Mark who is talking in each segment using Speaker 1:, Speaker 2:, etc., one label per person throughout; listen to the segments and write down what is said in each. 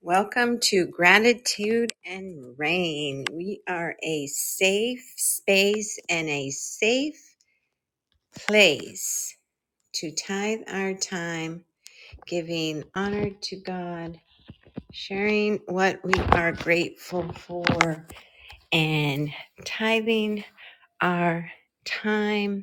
Speaker 1: Welcome to Gratitude and Rain. We are a safe space and a safe place to tithe our time, giving honor to God, sharing what we are grateful for, and tithing our time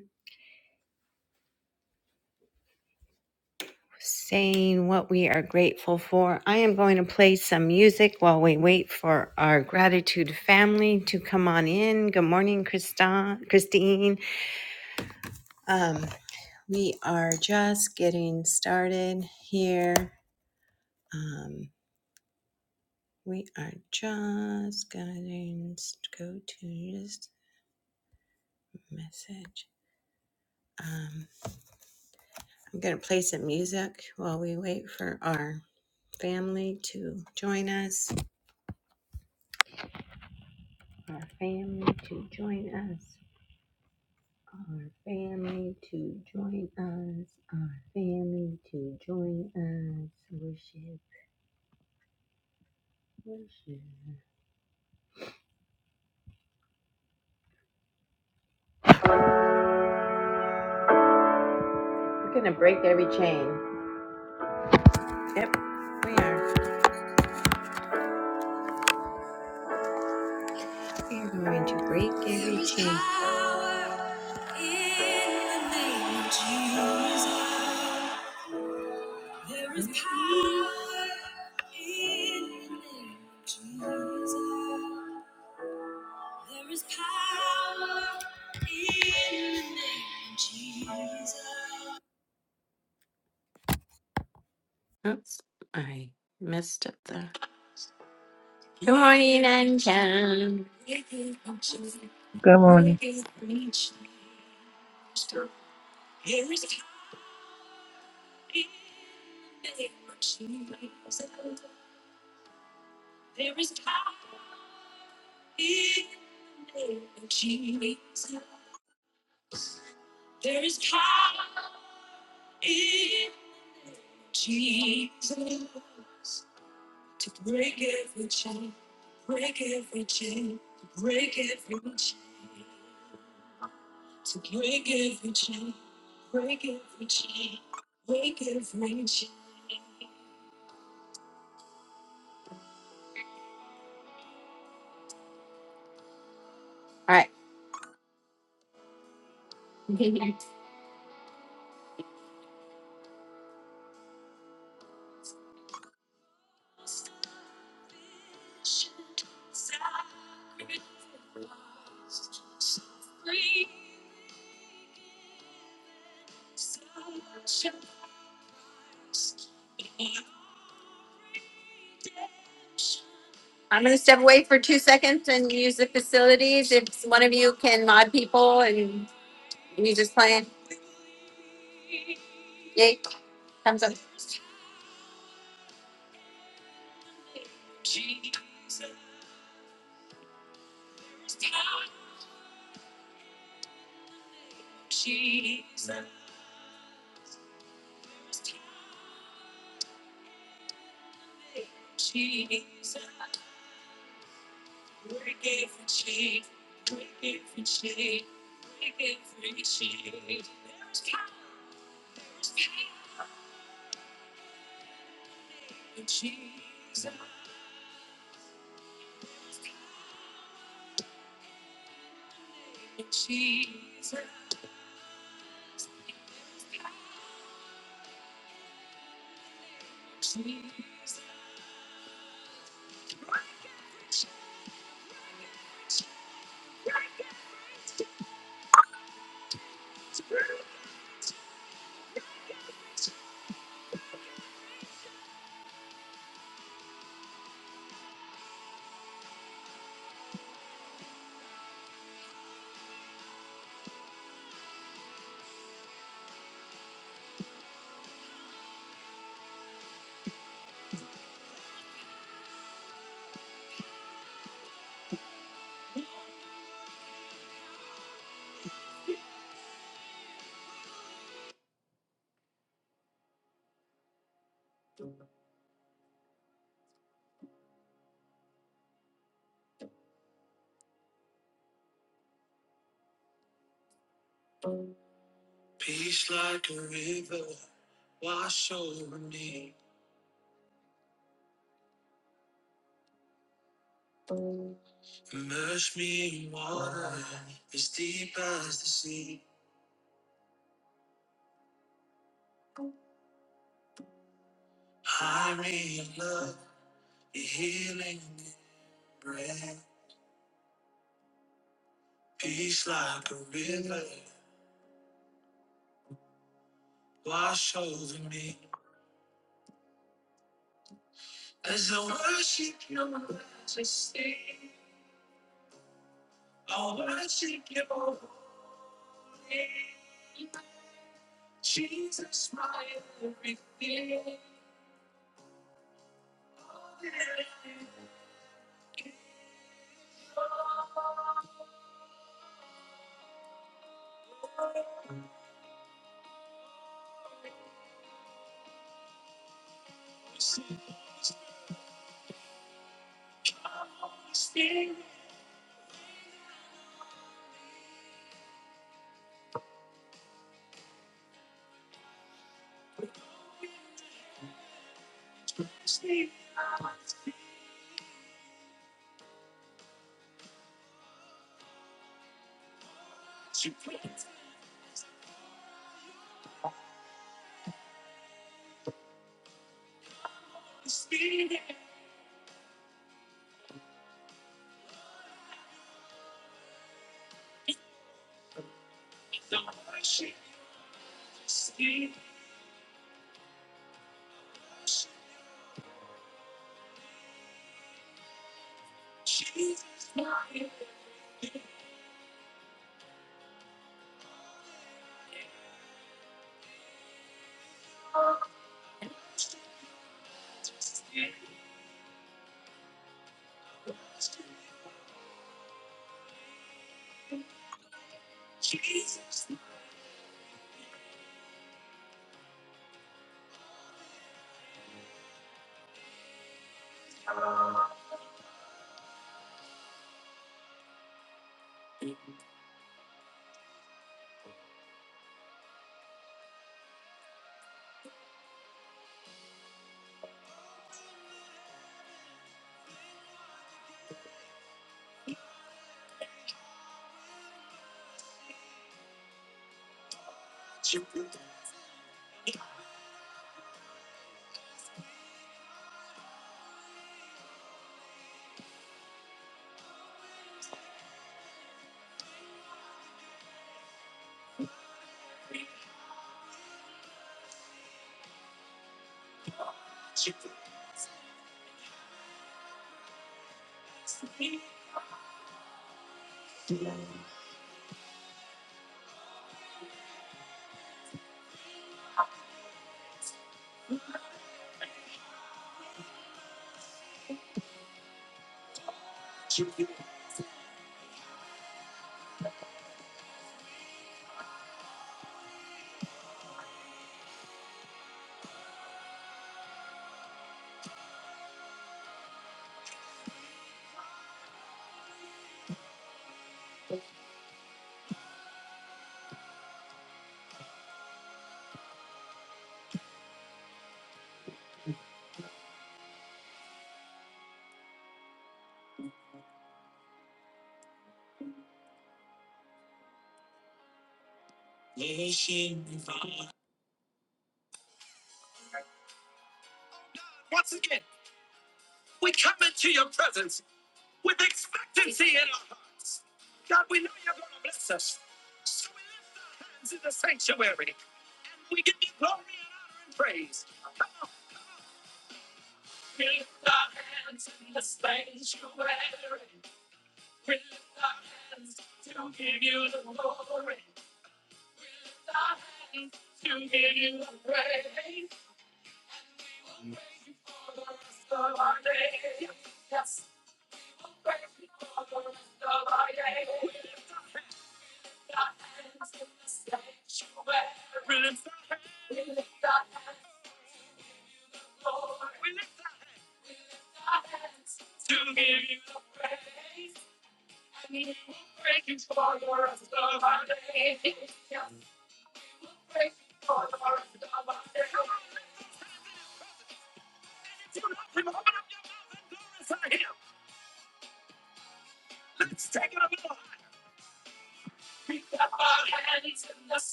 Speaker 1: saying what we are grateful for. I am going to play some music while we wait for our gratitude family to come on in. Good morning, Christa- Christine. Um, we are just getting started here. Um, we are just going to go to just message. Um, I'm going to play some music while we wait for our family to join us. Our family to join us. Our family to join us, our family to join us. Worship, worship. We're gonna break every chain. Yep, we are. We are going to break it. Oops, I messed up the. Can.
Speaker 2: Good morning.
Speaker 1: All right. I'm going to step away for two seconds and use the facilities. If one of you can mod people and you just playing, yay, thumbs up.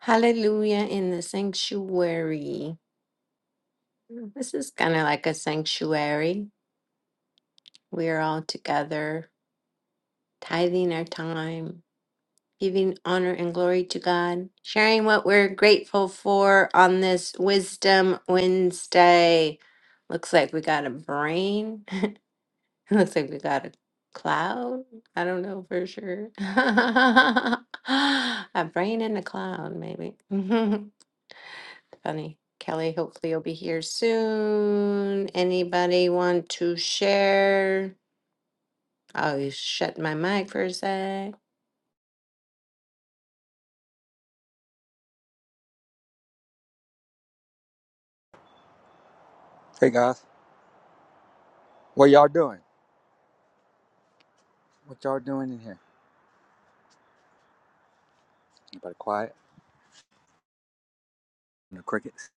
Speaker 1: Hallelujah in the sanctuary. This is kind of like a sanctuary. We are all together, tithing our time, giving honor and glory to God, sharing what we're grateful for on this Wisdom Wednesday. Looks like we got a brain. Looks like we got a cloud. I don't know for sure. a brain and a cloud, maybe. Funny. Kelly, hopefully you'll be here soon. Anybody want to share? I'll shut my mic for a sec.
Speaker 3: Hey guys, what y'all doing? What y'all doing in here? Anybody quiet? No crickets.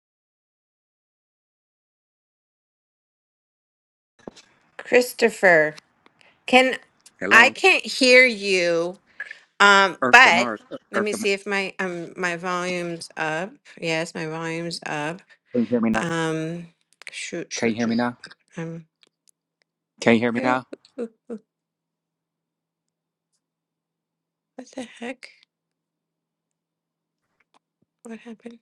Speaker 1: Christopher, can I
Speaker 3: Hello,
Speaker 1: can't hear you. Um,
Speaker 3: Earth to
Speaker 1: but
Speaker 3: Mars,
Speaker 1: let
Speaker 3: Earth
Speaker 1: me
Speaker 3: to Mars.
Speaker 1: see if my um my volume's up. Yes, my volume's up.
Speaker 3: Can you hear me now?
Speaker 1: Um, shoot,
Speaker 3: Can you
Speaker 1: shoot,
Speaker 3: hear me
Speaker 1: shoot.
Speaker 3: now?
Speaker 1: Um,
Speaker 3: Can you hear me
Speaker 1: ooh, ooh,
Speaker 3: now?
Speaker 1: ooh, what the heck happened?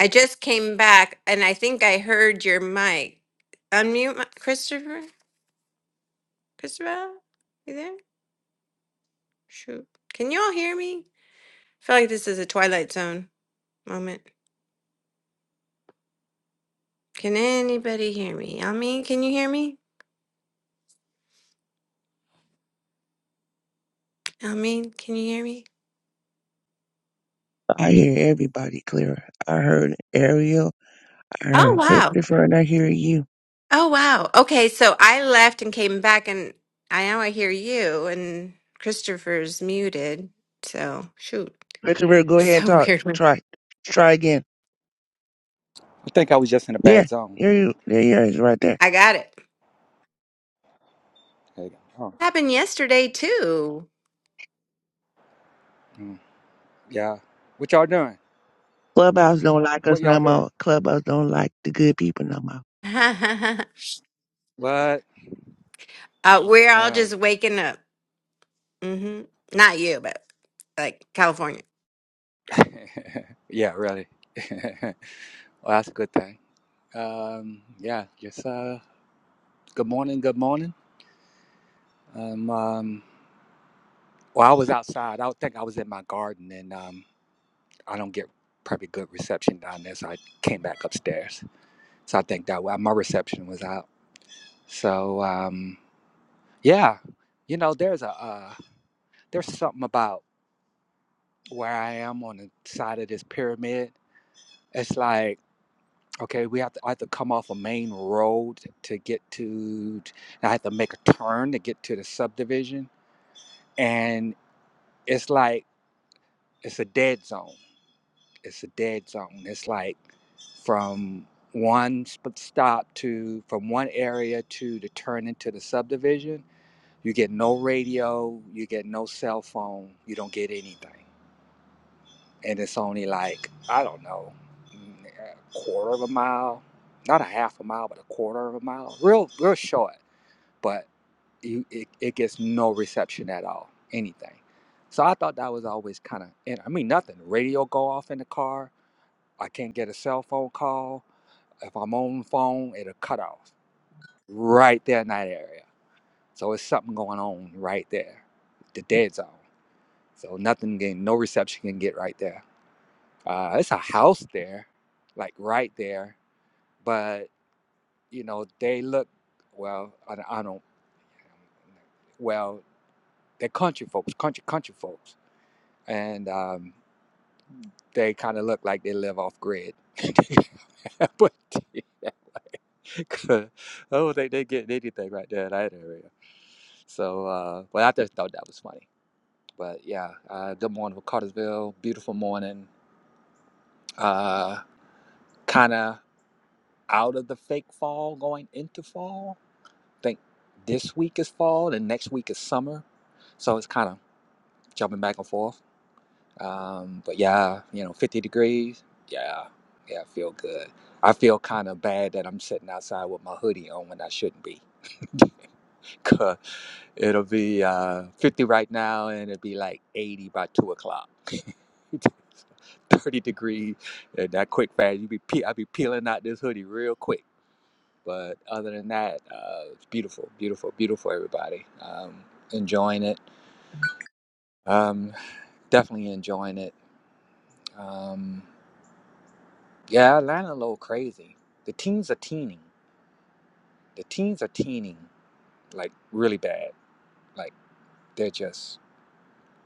Speaker 1: I just came back, and I think I heard your mic. Unmute, my, Christopher. You there? Me? Phone. Moment. Can anybody hear me? Almeen, can you hear me? Almeen, can you hear me?
Speaker 2: I hear everybody clearer. I heard Ariel. I
Speaker 1: Oh
Speaker 2: heard
Speaker 1: wow.
Speaker 2: Christopher, and I hear you.
Speaker 1: Oh wow. Okay, so I left and came back and I now I hear you and Christopher's muted. So shoot.
Speaker 2: Christopher, go ahead and
Speaker 1: So
Speaker 2: talk.
Speaker 1: weird. one.
Speaker 2: Try, try again.
Speaker 3: I think I was just in a
Speaker 2: Yeah,
Speaker 3: bad zone.
Speaker 2: there you, there you is, right there.
Speaker 1: I got it.
Speaker 3: There you go.
Speaker 1: Happened yesterday too.
Speaker 3: Oh, mm, yeah. What y'all doing?
Speaker 2: Clubhouse don't like us
Speaker 3: What y'all
Speaker 2: no
Speaker 3: doing?
Speaker 2: more. Clubhouse don't like the good people no more.
Speaker 1: uh,
Speaker 3: What?
Speaker 1: we're all
Speaker 3: Uh,
Speaker 1: just waking up. hmm Not you, but like California.
Speaker 3: yeah, really. well, that's a good thing. Um, yeah, just uh, good morning. Good morning. Um, um, well, I was outside. I think I was in my garden, and um, I don't get probably good reception down there, so I came back upstairs. So I think that my reception was out. So um, yeah, you know, there's a uh, there's something about where I am on the side of this pyramid. It's like okay, we have to I have to come off a main road to get to. I have to make a turn to get to the subdivision, and it's like it's a dead zone It's a dead zone. It's like from one sp- stop to from one area to the turn into the subdivision. You get no radio. You get no cell phone. You don't get anything, and it's only like I don't know, mm, a quarter of a mile, not a half a mile, but a quarter of a mile. Real, real short, but you, it, it gets no reception at all, anything. So I thought that was always kind of, I mean, nothing. Radio go off in the car I can't get a cell phone call. If I'm on the phone, it'll cut off right there in that area. So it's something going on right there, the dead zone. So nothing getting, no reception can get right there. Uh, it's a house there, like right there, but you know they look well. I, don't- I don't. Well, they're country folks, country country folks, and um, they kind of look like they live off grid. but 'Cause I don't think they get anything right there in that area. So, uh, but I just thought that was funny. But yeah, uh, good morning from Cartersville. Beautiful morning. Uh, kind of out of the fake fall, going into fall. I think this week is fall, and next week is summer. So it's kind of jumping back and forth. Um, but yeah, you know, 50 degrees. Yeah, yeah, I feel good. I feel kind of bad that I'm sitting outside with my hoodie on when I shouldn't be. 'Cause It'll be uh, 50 right now, and it'll be like 80 by 2 o'clock. 30 degrees, and that quick fast. You be pe- I'll be peeling out this hoodie real quick. But other than that, uh, it's beautiful, beautiful, beautiful, everybody. Um, enjoying it. Um, definitely enjoying it. Um, yeah, Atlanta a little crazy. The teens are teening. The teens are teening, like really bad. Like they're just,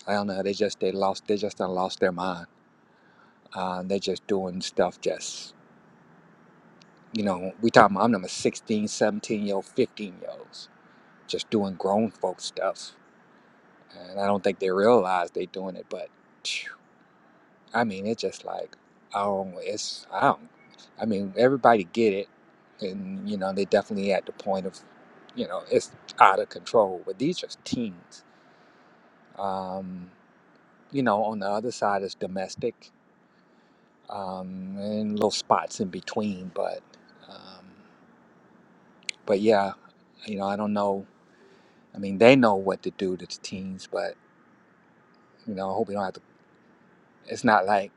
Speaker 3: I don't know, they just, they lost, they just done lost their mind Uh, they're just doing stuff just, you know, we talking about, I'm number 16, seventeen year old, 15 year olds, just doing grown folk stuff. And I don't think they realize they doing it, but phew, I mean, it's just like, oh, it's, I don't, I mean, everybody get it. And, you know, they definitely at the point of, you know, it's out of control, but these are teens. Um, you know, on the other side is domestic um, and little spots in between, but. um, but yeah, you know, I don't know. I mean, they know what to do to the teens, but you know, I hope we don't have to. It's not like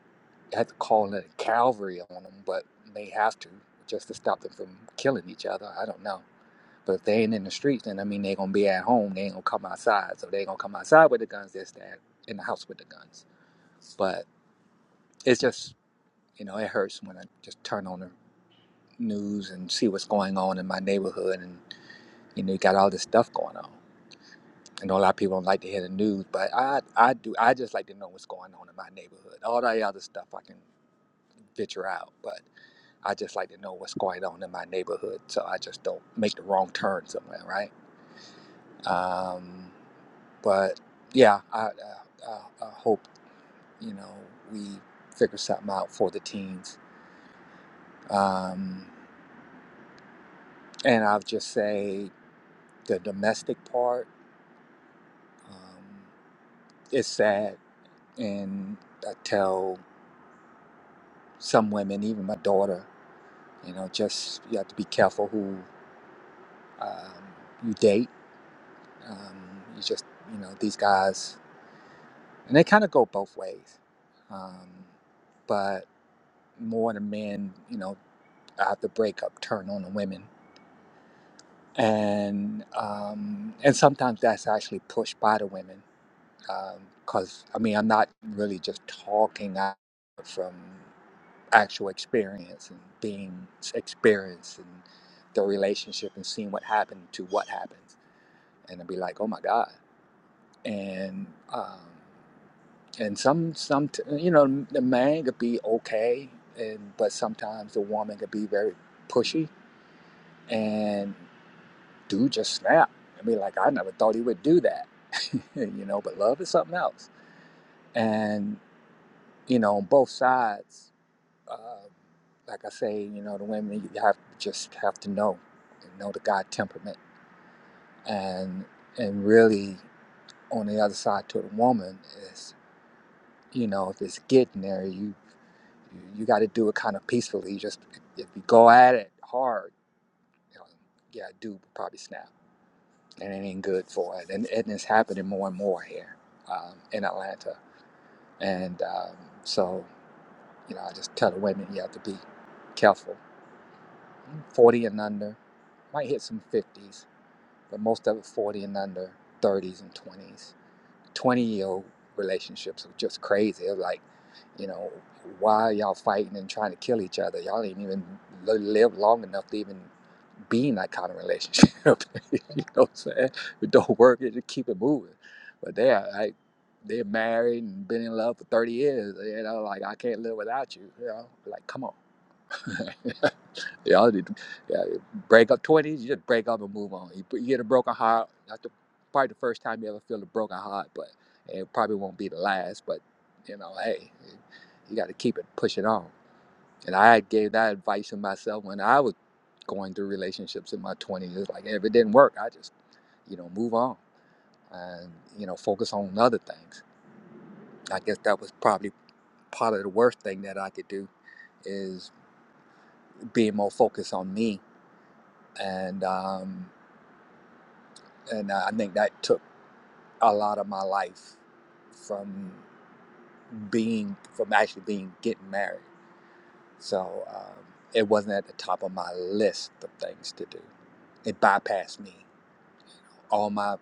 Speaker 3: I have to call it a cavalry on them, but they have to just to stop them from killing each other. I don't know. But if they ain't in the streets, then I mean, they're gonna be at home. They ain't gonna come outside, so they ain't gonna come outside with the guns. They're staying in the house with the guns. But it's just, you know, it hurts when I just turn on the news and see what's going on in my neighborhood, and you know, you got all this stuff going on. I know a lot of people don't like to hear the news, but I I do. I just like to know what's going on in my neighborhood. All that other stuff I can venture out, but I just like to know what's going on in my neighborhood, so I just don't make the wrong turn somewhere, right? Um, but yeah, I, I, I, hope you know we figure something out for the teens. Um, and I'll just say the domestic part um, is sad, and I tell some women, even my daughter You know, just you have to be careful who um, you date. Um, you just, you know, these guys, and they kind of go both ways. Um, but more the men, you know, after breakup, turn on the women, and um, and sometimes that's actually pushed by the women. Because I mean, I'm not really just talking out from actual experience and being experienced in the relationship and seeing what happened to what happened. and I'd be like, oh my god, and um, and some some you know the man could be okay, and but sometimes the woman could be very pushy, and dude just snap and be like, I never thought he would do that, you know. But love is something else, and you know, on both sides. Uh, like I say, you know, the women you have just have to know, know the guy temperament, and and really on the other side to the woman is. you know if it's getting there you you you got to do it kind of peacefully you just if you go at it hard you know, yeah dude will probably snap and it ain't good for it and, and it's happening more and more here um, in atlanta and um, so you know i just tell the women you have to be careful 40 and under might hit some 50s but most of it 40 and under 30s and 20s 20 year old relationships are just crazy. They're like, you know, why are y'all fighting and trying to kill each other? Y'all ain't even li- live long enough to even be in that kind of relationship. you know what I'm saying? It don't work, you just keep it moving. But they are like, they're married and been in love for 30 years. You know, like, I can't live without you. You know, like, come on. You know, you- yeah, you break up twenties, you just break up and move on. You, you get a broken heart. Not the probably the first time you ever feel a broken heart, but it probably won't be the last. But you know, hey, you got to keep it pushing on. And I gave that advice to myself when I was going through relationships in my twenties. It's like if it didn't work, I just you know move on and you know focus on other things. I guess that was probably part of the worst thing that I could do is being more focused on me and. um, and I think that took a lot of my life from being from actually being getting married. So um, it wasn't at the top of my list of things to do. It bypassed me. All my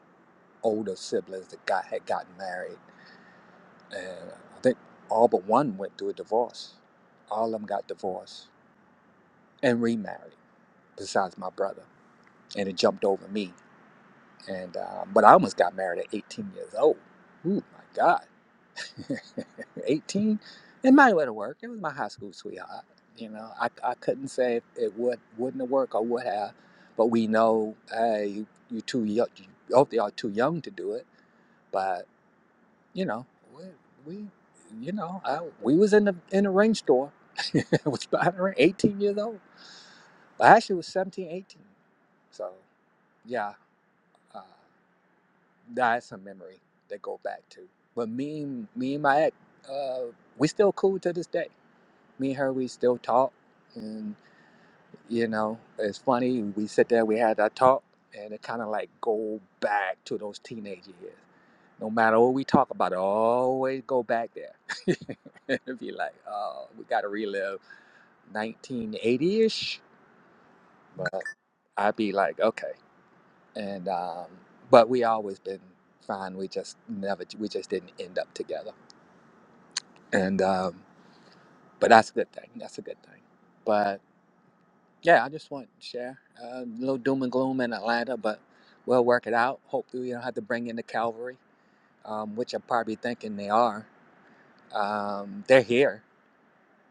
Speaker 3: older siblings that got had gotten married, and I think all but one went through a divorce. All of them got divorced and remarried, besides my brother, and it jumped over me. And uh, but I almost got married at 18 years old. Ooh, my God! 18. It might have worked. It was my high school sweetheart. You know, I, I couldn't say if it would wouldn't have worked or would have, but we know hey, you you too young. You, both y'all too young to do it. But you know, we, we you know, I, we was in the in the ring store. I was buying a ring, 18 years old. Well, actually, was 17, 18. So yeah, uh, that's a memory that go back to. But me, me and my ex, uh, we still cool to this day. me and her we still talk and you know it's funny we sit there we had that talk and it kind of like go back to those teenage years no matter what we talk about it always go back there it'd be like oh we gotta relive 1980-ish but i'd be like okay and um but we always been fine we just never we just didn't end up together and um but that's a good thing that's a good thing But. Yeah, I just want to share uh, a little doom and gloom in Atlanta, but we'll work it out. Hopefully, we don't have to bring in the cavalry, um, which I'm probably thinking they are. Um, they're here,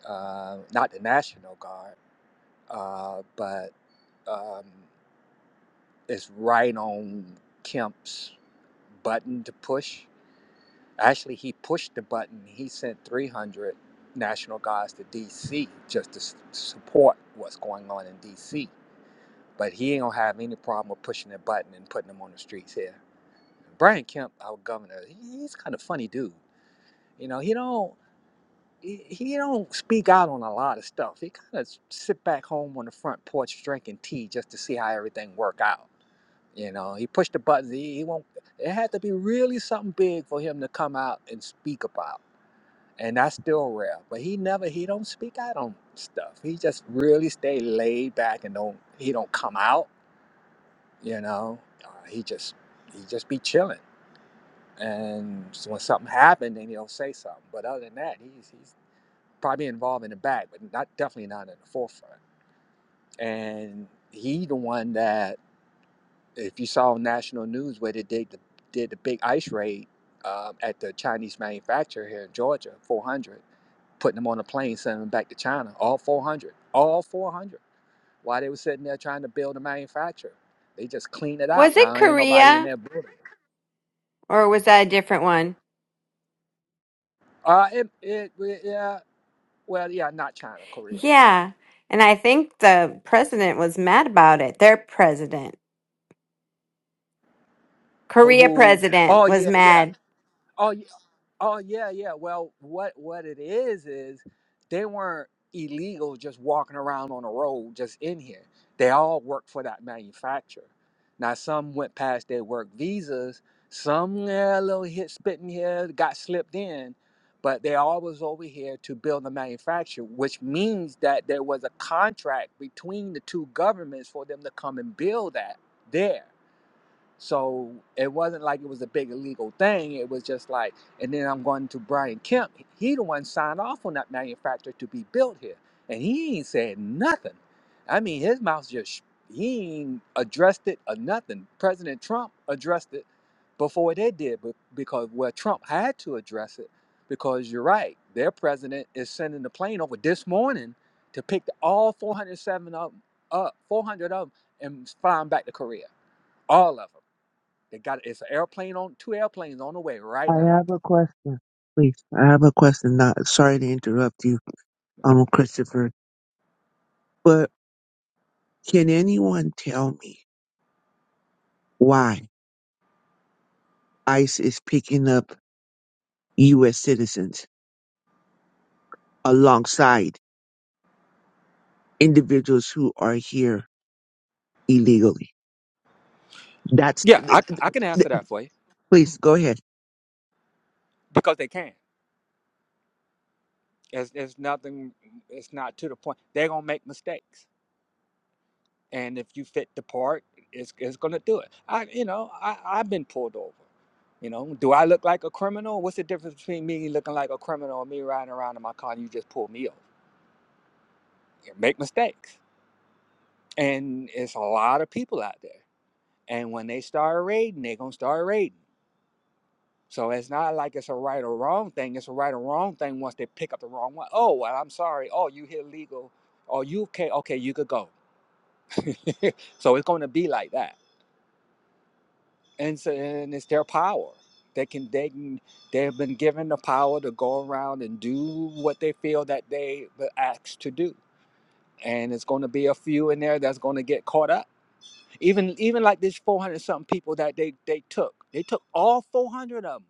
Speaker 3: uh, not the National Guard, uh, but um, it's right on Kemp's button to push. Actually, he pushed the button. He sent 300 National Guards to D.C. just to s- support what's going on in D.C But he ain't gonna have any problem with pushing a button and putting them on the streets here. Brian Kemp, our governor, he- he's kind of funny dude. You know, he don't he, he don't speak out on a lot of stuff. He kind of sit back home on the front porch drinking tea just to see how everything work out. You know, he pushed the buttons. He, he won't. It had to be really something big for him to come out and speak about, and that's still rare. But he never he don't speak out on stuff. He just really stay laid back and don't he don't come out you know uh, he just he just be chilling and so when something happened then he'll say something but other than that he's he's probably involved in the back but not definitely not in the forefront and he the one that if you saw national news where they did the, did the big ice raid um, at the chinese manufacturer here in georgia 400 putting them on a plane sending them back to china all 400 all 400 while they were sitting there trying to build a manufacturer they just cleaned it
Speaker 1: Was
Speaker 3: out
Speaker 1: it
Speaker 3: now ain't nobody in
Speaker 1: Korea
Speaker 3: there
Speaker 1: or was that a different one?
Speaker 3: Uh, it, it, yeah, well, yeah, not China, Korea, right?
Speaker 1: Yeah. And I think the president was mad about it. Their president,
Speaker 3: Who?
Speaker 1: Korea
Speaker 3: who-
Speaker 1: president,
Speaker 3: Oh,
Speaker 1: was
Speaker 3: yeah, yeah.
Speaker 1: mad.
Speaker 3: Oh, yeah, Oh yeah, yeah. Well, what what it is is they weren't illegal just walking around on the road just in here. They all worked for that manufacturer. Now some went past their work visas, some yeah, a little hit spitting here got slipped in, but they all was over here to build the manufacturer, which means that there was a contract between the two governments for them to come and build that there. So it wasn't like it was a big illegal thing. It was just like, and then I'm going to Brian Kemp. He the one signed off on that manufacturer to be built here, and he ain't said nothing. I mean, his mouth just he ain't addressed it or nothing. President Trump addressed it before they did, but because well, Trump had to address it because you're right. Their president is sending the plane over this morning to pick all 407 of them up, 400 of them, and fly them back to Korea, all of them. They got it's an airplane on two airplanes on the way right now.
Speaker 2: I have a question, please. I have a question. Not sorry to interrupt you, um, Christopher, but can anyone tell me why ICE is picking up U.S. citizens alongside individuals who are here? illegally. That's,
Speaker 3: Yeah,
Speaker 2: th-
Speaker 3: I,
Speaker 2: th-
Speaker 3: I can answer
Speaker 2: th-
Speaker 3: that for you
Speaker 2: please go ahead.
Speaker 3: because they can. It's, it's nothing. It's not to the point. They're gonna make mistakes, and if you fit the part, it's it's gonna do it. I you know I I've been pulled over. You know, do I look like a criminal? What's the difference between me looking like a criminal and me riding around in my car and you just pull me over? You make mistakes, and it's a lot of people out there. And when they start raiding, they gonna start raiding. So it's not like it's a right or wrong thing. It's a right or wrong thing once they pick up the wrong one. Oh, well, I'm sorry. Oh, you hit legal. Oh, you can Okay, you could go. so it's going to be like that, and so and it's their power. They can they can, they've been given the power to go around and do what they feel that they were asked to do, and it's going to be a few in there that's going to get caught up. Even even like this 400 something people that they they took, they took all 400 of them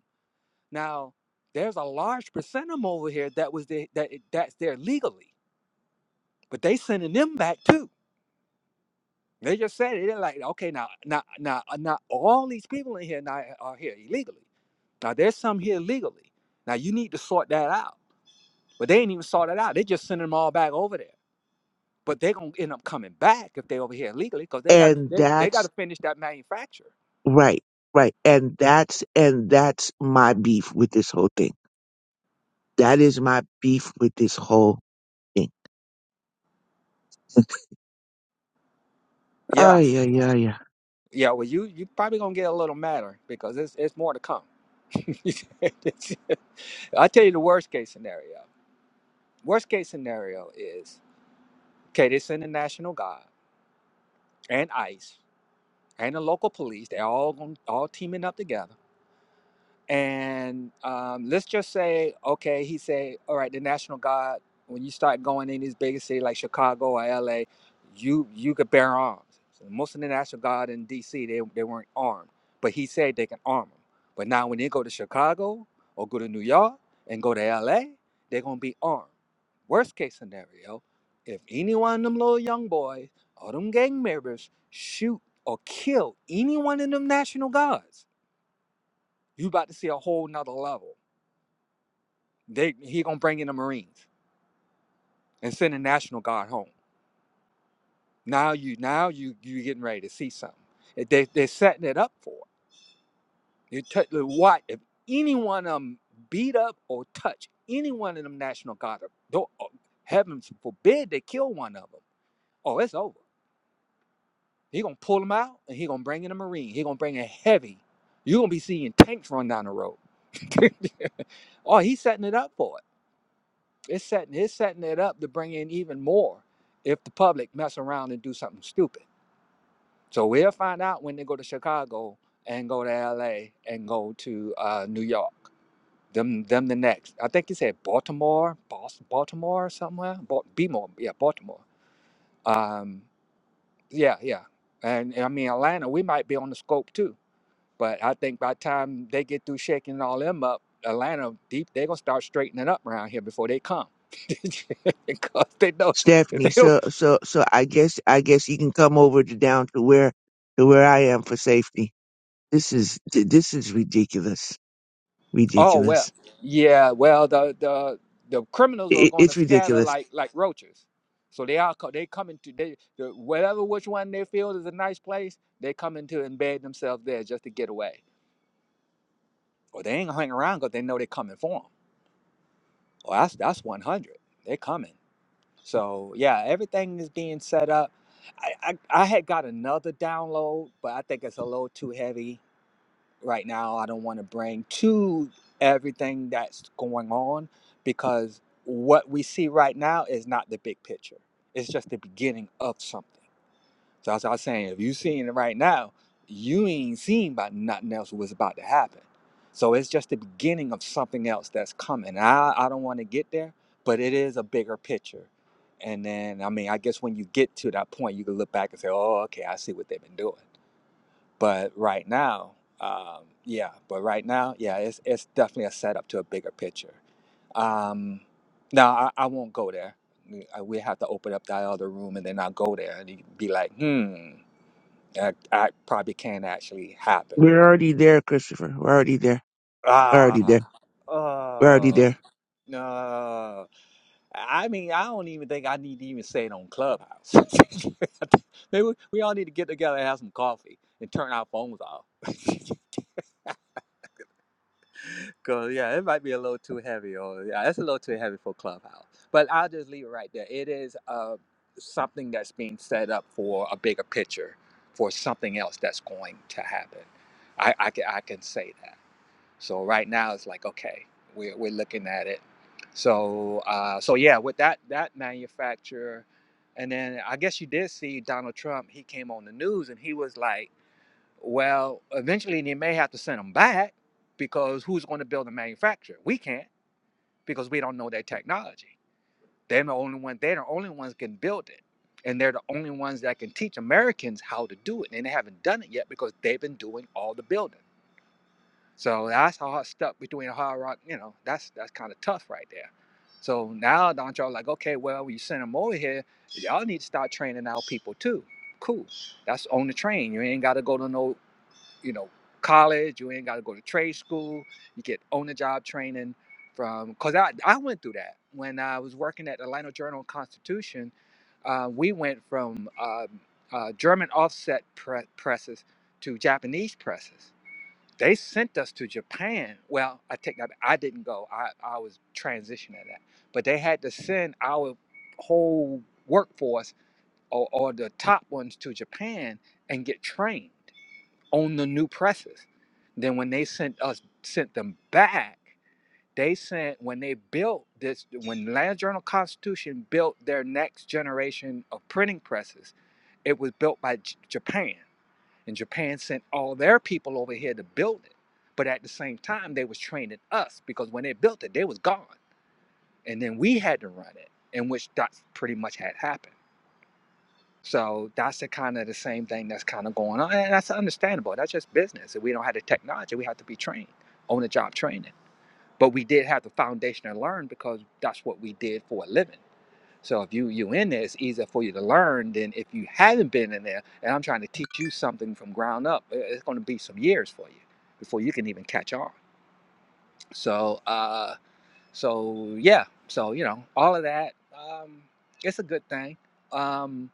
Speaker 3: Now, there's a large percent of them over here that was the, that eh, that's there legally, but they sending them back too. They just said it. They're like, okay, now, now, now, uh, now, all these people in here now eh, are here illegally. Now, there's some here legally. Now, you need to sort that out. But they ain't even sort it out. They just sending them all back over there. But they're gonna end up coming back if they over here illegally, because they got to
Speaker 2: And
Speaker 3: they, they got to
Speaker 2: that's
Speaker 3: finish that manufacture.
Speaker 2: right, right. And that's, and that's my beef with this whole thing. That is my beef with this whole thing. Oh,
Speaker 3: Yeah,
Speaker 2: yeah, yeah, yeah.
Speaker 3: yeah. Well, you you probably gonna get a little madder because it's it's more to come. I'll tell you the worst case scenario. Worst case scenario is okay, they send the National Guard and ICE and the local police. They're all gon- all teaming up together. And um, let's just say, okay, he said, all right, the national guard. When you start going in these bigger cities like Chicago or LA, you you could bear arms. So most of the national guard in DC, they they weren't armed, but he said they can arm them. But now when they go to Chicago or go to New York and go to LA, they're gonna be armed. Worst case scenario, if any one of them little young boys or them gang members shoot or kill any one of them national guards you about to see a whole nother level. They he gonna bring in the Marines and send the National Guard home. Now you now you you getting ready to see something. They they're setting it up for it. You touch what if any one of them beat up or touch any one of them National Guard, don't, oh, heaven forbid they kill one of them. Oh, it's over. He gonna pull them out and he gonna bring in a Marine. He gonna bring in heavy. You gonna be seeing tanks run down the road. oh, he's setting it up for it. It's setting it's setting it up to bring in even more if the public mess around and do something stupid. So we'll find out when they go to Chicago and go to LA and go to uh, New York. Them them the next. I think he said Baltimore, Boston, Baltimore somewhere. Ba- Bmore, yeah, Baltimore. Um, yeah, yeah. And, and I mean Atlanta, we might be on the scope too but I think by the time they get through shaking all them up, Atlanta deep, they're gonna start straightening up around here before they come. because they know if they
Speaker 2: Stephanie,
Speaker 3: don't
Speaker 2: so, so, so I guess, I guess you can come over to down to where, to where I am for safety. This is, th- this is ridiculous.
Speaker 3: oh well.
Speaker 2: Ridiculous.
Speaker 3: Yeah, well the the the criminals are
Speaker 2: It,
Speaker 3: gonna
Speaker 2: it's
Speaker 3: scatter
Speaker 2: ridiculous.
Speaker 3: like like roaches. So they are co- they coming to they the, whatever which one they feel is a nice place, they come into embed themselves there just to get away. Or they ain't gonna hang around because they know they coming for them. Well, that's that's one hundred. They coming. So yeah, everything is being set up. I, I, I had got another download, but I think it's a little too heavy right now. I don't want to bring to everything that's going on because what we see right now is not the big picture. It's just the beginning of something. So that's what I'm saying. If you seeing it right now, you ain't seen about nothing else was about to happen. So it's just the beginning of something else that's coming. I, I don't want to get there, but it is a bigger picture. And then, I mean, I guess when you get to that point, you can look back and say, oh, okay, I see what they've been doing. But right now, um, yeah, but right now, yeah, it's, it's definitely a setup to a bigger picture. Um, no, I, I won't go there. We I- we have to open up that other room and then I'll go there and you be like, hmm. I, I probably can't actually happen.
Speaker 2: We're already there, Christopher. We're already there. We're already
Speaker 3: Ah,
Speaker 2: there. We're already
Speaker 3: oh,
Speaker 2: there.
Speaker 3: no. I mean, I don't even think I need to even say it on Clubhouse. Maybe we, we all need to get together and have some coffee and turn our phones off. Cause yeah, it might be a little too heavy, or yeah, it's a little too heavy for Clubhouse. But I'll just leave it right there. It is uh, something that's being set up for a bigger picture, for something else that's going to happen. I, I can I can say that. So right now it's like okay, we're we're looking at it. So uh, so yeah, with that that manufacturer, and then I guess you did see Donald Trump. He came on the news and he was like, well, eventually they may have to send them back because who's going to build a manufacturer? We can't because we don't know their technology. They're the only one. They're the only ones can build it. And they're the only ones that can teach Americans how to do it. And they haven't done it yet because they've been doing all the building. So that's how I stuck between a hard rock. You know, that's that's kind of tough right there. So now don't y'all like, okay, well, you send them over here. Y'all need to start training our people too. Cool. That's on the train. You ain't got to go to no, you know, college. You ain't got to go to trade school. You get on the job training from because I I went through that when I was working at the Atlanta Journal Constitution. Uh, we went from um uh, German offset pre- presses to Japanese presses they sent us to Japan. Well, I take that. back. I didn't go. I, I was transitioning that. But they had to send our whole workforce or, or the top ones to Japan and get trained on the new presses. Then when they sent us sent them back, they sent when they built this when Land Journal Constitution built their next generation of printing presses, it was built by J- Japan. And Japan sent all their people over here to build it. But at the same time, they was training us because when they built it, they was gone. And then we had to run it, in which that's pretty much had happened. So that's the kind of the same thing that's kind of going on. And that's understandable. That's just business. If we don't have the technology, we have to be trained, on the job training. But we did have the foundation to learn because that's what we did for a living. So if you you in there, it's easier for you to learn than if you haven't been in there. And I'm trying to teach you something from ground up. i- It's going to be some years for you before you can even catch on. So uh, so yeah, so you know all of that. Um, it's a good thing. Um,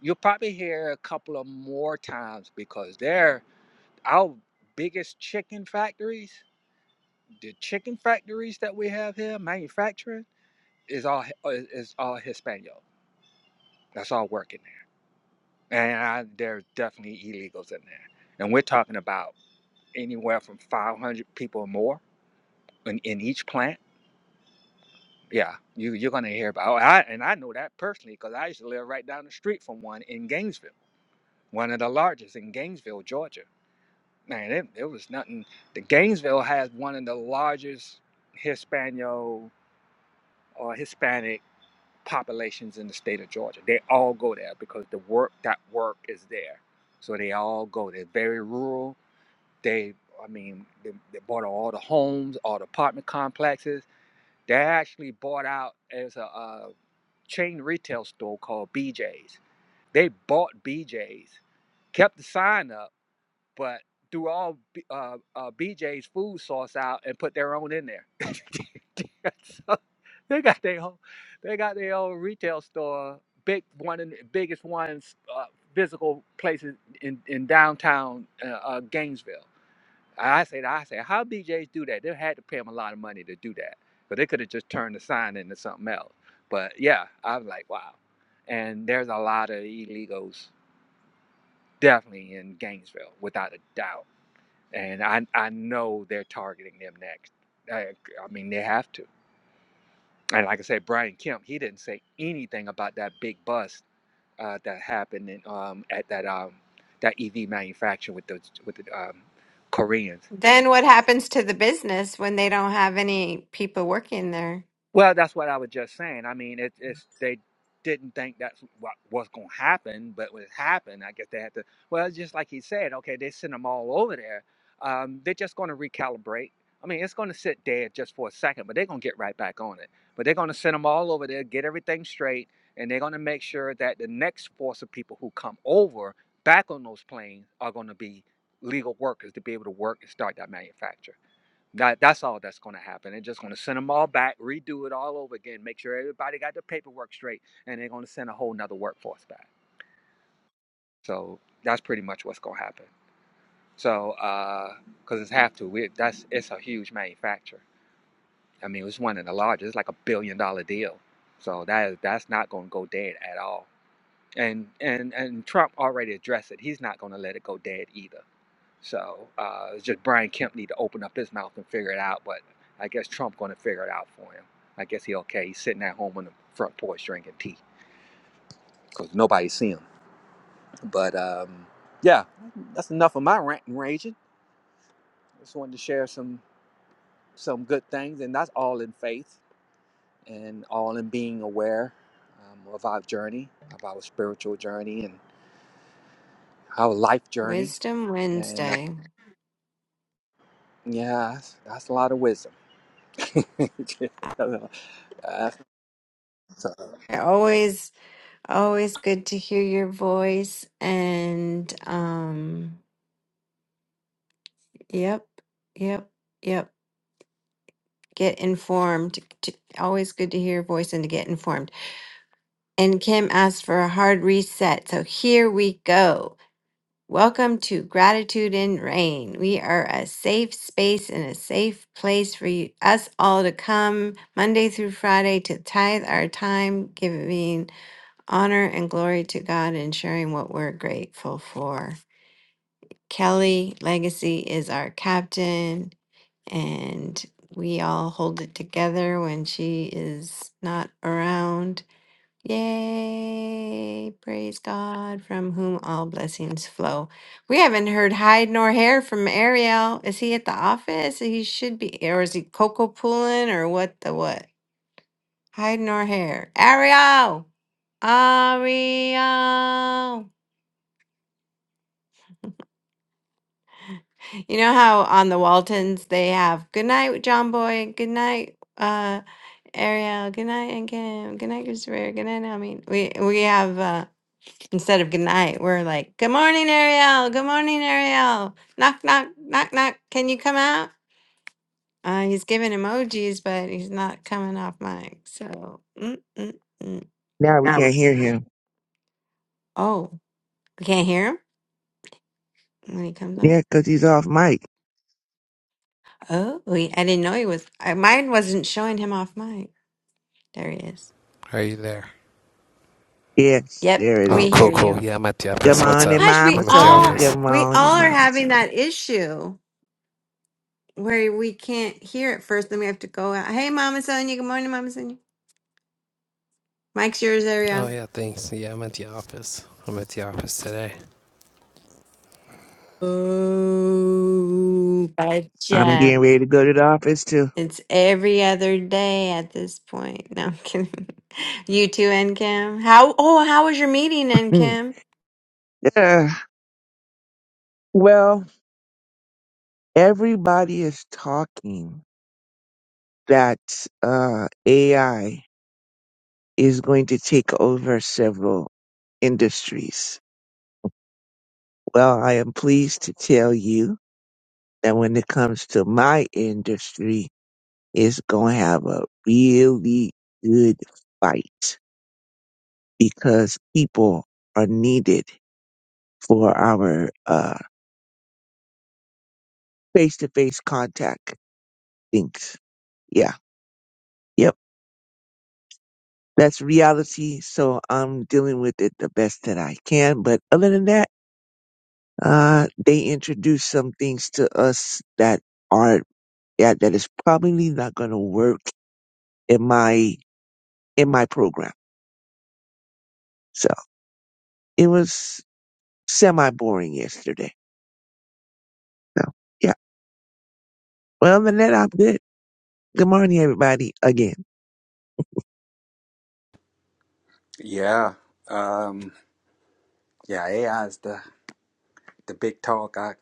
Speaker 3: you'll probably hear a couple of more times because they're our biggest chicken factories. The chicken factories that we have here, manufacturing, is all uh, is all Hispanic. That's all working. and I, there's definitely illegals in there. And we're talking about anywhere from 500 people or more in, in each plant. Yeah, you, you're going to hear about. Oh, I, and I know that personally because I used to live right down the street from one in Gainesville, one of the largest in Gainesville, Georgia. Man, it, it was nothing. The Gainesville has one of the largest Hispano or Hispanic populations in the state of Georgia. They all go there because the work that work is there. So they all go. They're very rural They, I mean, they, they bought out all the homes, all the apartment complexes. They actually bought out as a, uh chain retail store called BJ's. They bought BJ's, kept the sign up, but threw all B- uh, uh, BJ's food sauce out and put their own in there. so they got their own, they got their own retail store, big one in biggest ones, uh, physical places in in downtown uh, uh, Gainesville I said, I said, how BJ's do that? They had to pay them a lot of money to do that, but they could have just turned the sign into something else. But yeah, I was like, wow. And there's a lot of illegals definitely in Gainesville, without a doubt. And I, I know they're targeting them next. I, I mean, they have to. And like I said, Brian Kemp, he didn't say anything about that big bust uh, that happened in, um, at that um, that EV manufacturer with the with the um, Koreans
Speaker 1: Then what happens to the business when they don't have any people working there?
Speaker 3: Well, that's what I was just saying. I mean, it, it's they didn't think that's what was going to happen, but when it happened, I guess they had to. Well, it's just like he said, okay, they sent them all over there. Um, they're just going to recalibrate. I mean, it's going to sit dead just for a second, but they're going to get right back on it. But they're going to send them all over there, get everything straight, and they're going to make sure that the next force of people who come over back on those planes are going to be legal workers to be able to work and start that manufacture. That that's all that's going to happen. They're just going to send them all back, redo it all over again, make sure everybody got their paperwork straight, and they're going to send a whole nother workforce back. So that's pretty much what's going to happen. So because uh, it's have to, we, that's it's a huge manufacturer. I mean, it's one of the largest. It's like a billion dollar deal. So that is that's not going to go dead at all. And and and Trump already addressed it. He's not going to let it go dead either. So uh, it's just Brian Kemp need to open up his mouth and figure it out. But I guess Trump going to figure it out for him. I guess he okay. He's sitting at home on the front porch drinking tea because nobody see him. But um, yeah, that's enough of my rant and raging. I Just wanted to share some some good things, and that's all in faith and all in being aware um, of our journey, of our spiritual journey, and our life journey.
Speaker 1: Wisdom
Speaker 3: And uh,
Speaker 1: Wednesday.
Speaker 3: yeah, that's, that's a lot of wisdom. That's- uh,
Speaker 1: Always, always good to hear your voice. And um, yep, yep, yep. Get informed. T- Always good to hear your voice and to get informed. And Kim asked for a hard reset. So here we go. Welcome to Gratitude in Rain. We are a safe space and a safe place for you, us all to come Monday through Friday to tithe our time, giving honor and glory to God and sharing what we're grateful for. Kelly Legacy is our captain, and we all hold it together when she is not around. Yay, praise God, from whom all blessings flow. We haven't heard hide nor hair from Ariel. Is he at the office? He should be, or is he cocoa pulling, or what the what? Hide nor hair. Ariel! Ariel! You know how on the Waltons they have good night, John Boy, good night, uh, Ariel, good night, and Kim, good night, Christopher, good night, I mean, we, we have. uh, Instead of good night, we're like, good morning, Ariel. Good morning, Ariel. Knock, knock, knock, knock. Can you come out? Uh, he's giving emojis, but he's not coming off mic. So, mm, mm, mm.
Speaker 2: Now we can't hear him.
Speaker 1: oh, we can't hear him when he comes off.
Speaker 2: Yeah, 'cause he's off mic.
Speaker 1: Oh, we, I didn't know he was. I, mine wasn't showing him off mic. There he is.
Speaker 4: Are you there?
Speaker 2: Yes,
Speaker 1: Yep,
Speaker 2: there it
Speaker 4: Oh,
Speaker 1: we
Speaker 4: cool,
Speaker 2: is.
Speaker 1: hear
Speaker 4: cool.
Speaker 1: you.
Speaker 4: Yeah, I'm at the
Speaker 2: Good
Speaker 4: office. What's
Speaker 2: morning,
Speaker 4: up?
Speaker 1: Gosh, we
Speaker 2: Mama
Speaker 4: I'm at the
Speaker 2: Sonia.
Speaker 1: all
Speaker 2: Good
Speaker 4: office.
Speaker 1: we
Speaker 2: morning,
Speaker 1: all are
Speaker 2: Mama
Speaker 1: having
Speaker 2: Sonia.
Speaker 1: that issue where we can't hear it first. Then we have to go out. Hey, Mama Sonia. Good morning, Mama Sonia. Mike's yours,
Speaker 4: Oh,
Speaker 1: Ariel.
Speaker 4: yeah, thanks. Yeah, I'm at the office. I'm at the office today.
Speaker 1: Oh, Good
Speaker 2: I'm
Speaker 1: job.
Speaker 2: getting ready to go to the office too.
Speaker 1: It's every other day at this point. No, I'm kidding. You too, Kim. How? Oh, how was your meeting, Kim?
Speaker 2: Yeah. well, everybody is talking that uh, AI is going to take over several industries. Well, I am pleased to tell you that when it comes to my industry, it's going to have a really good fight because people are needed for our uh face to face contact things. Yeah. Yep. That's reality. So I'm dealing with it the best that I can. But other than that, uh, they introduce some things to us that are, yeah, that is probably not going to work in my, in my program. So it was semi boring yesterday. So yeah. Well, other than that, I'm good. Good morning, everybody again.
Speaker 3: Yeah. Um, yeah, AI is the, the big talk. I,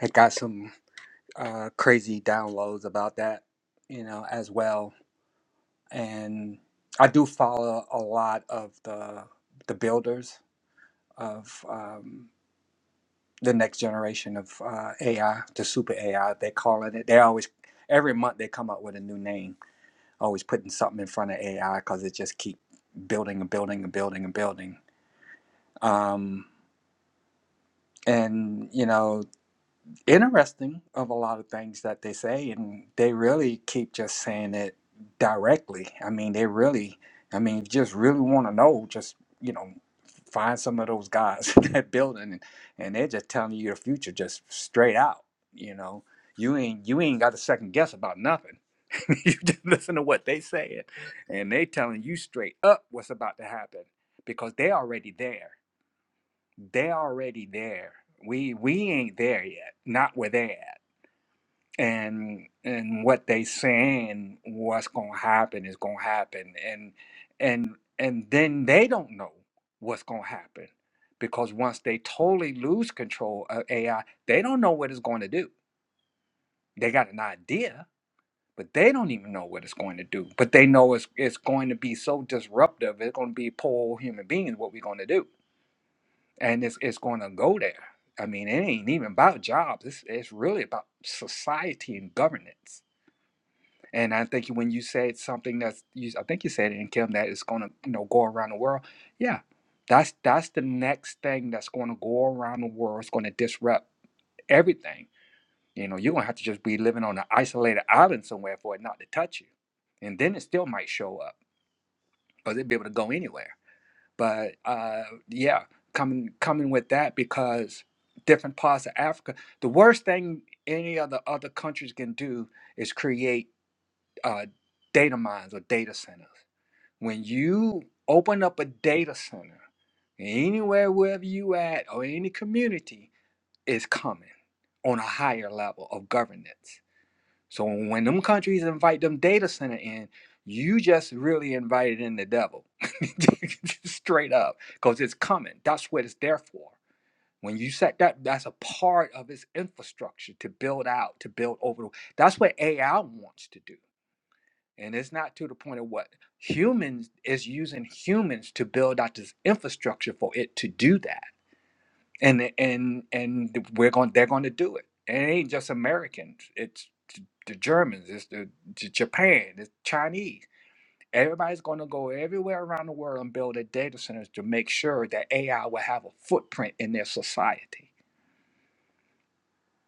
Speaker 3: I got some uh, crazy downloads about that, you know, as well. And I do follow a lot of the the builders of um, the next generation of uh, AI, the super AI, they calling it. They always, every month they come up with a new name, always putting something in front of AI because it just keep building and building and building and building. Um, and, you know, interesting of a lot of things that they say and they really keep just saying it directly i mean they really i mean if you just really want to know just you know find some of those guys in that building and, and they're just telling you your future just straight out you know you ain't you ain't got to second guess about nothing you just listen to what they saying and they telling you straight up what's about to happen because they already there they are already there. We we ain't there yet. Not where they are at. And and what they saying what's gonna happen is gonna happen. And and and then they don't know what's gonna happen because once they totally lose control of AI, they don't know what it's going to do. They got an idea, but they don't even know what it's going to do. But they know it's it's going to be so disruptive. It's going to be poor human beings. What we're going to do and it's it's going to go there. I mean, it ain't even about jobs. It's it's really about society and governance. And I think when you said something that's, you, I think you said it in Kim that it's going to you know go around the world. Yeah, that's that's the next thing that's going to go around the world. It's going to disrupt everything. You know, you're gonna have to just be living on an isolated island somewhere for it not to touch you, and then it still might show up because it'd be able to go anywhere but uh, yeah, coming coming with that because different parts of Africa, the worst thing any of the other countries can do is create uh, data mines or data centers. When you open up a data center anywhere wherever you at or any community, is coming on a higher level of governance so when them countries invite them data center in, you just really invited in the devil, straight up, because it's coming. That's what it's there for. When you set that, that's a part of its infrastructure to build out, to build over. the- That's what AI wants to do, and it's not to the point of what humans is using humans to build out this infrastructure for it to do that and and and we're going they're going to do it and it ain't just americans it's the germans it's the, J- japan it's chinese everybody's going to go everywhere around the world and build their data centers to make sure that ai will have a footprint in their society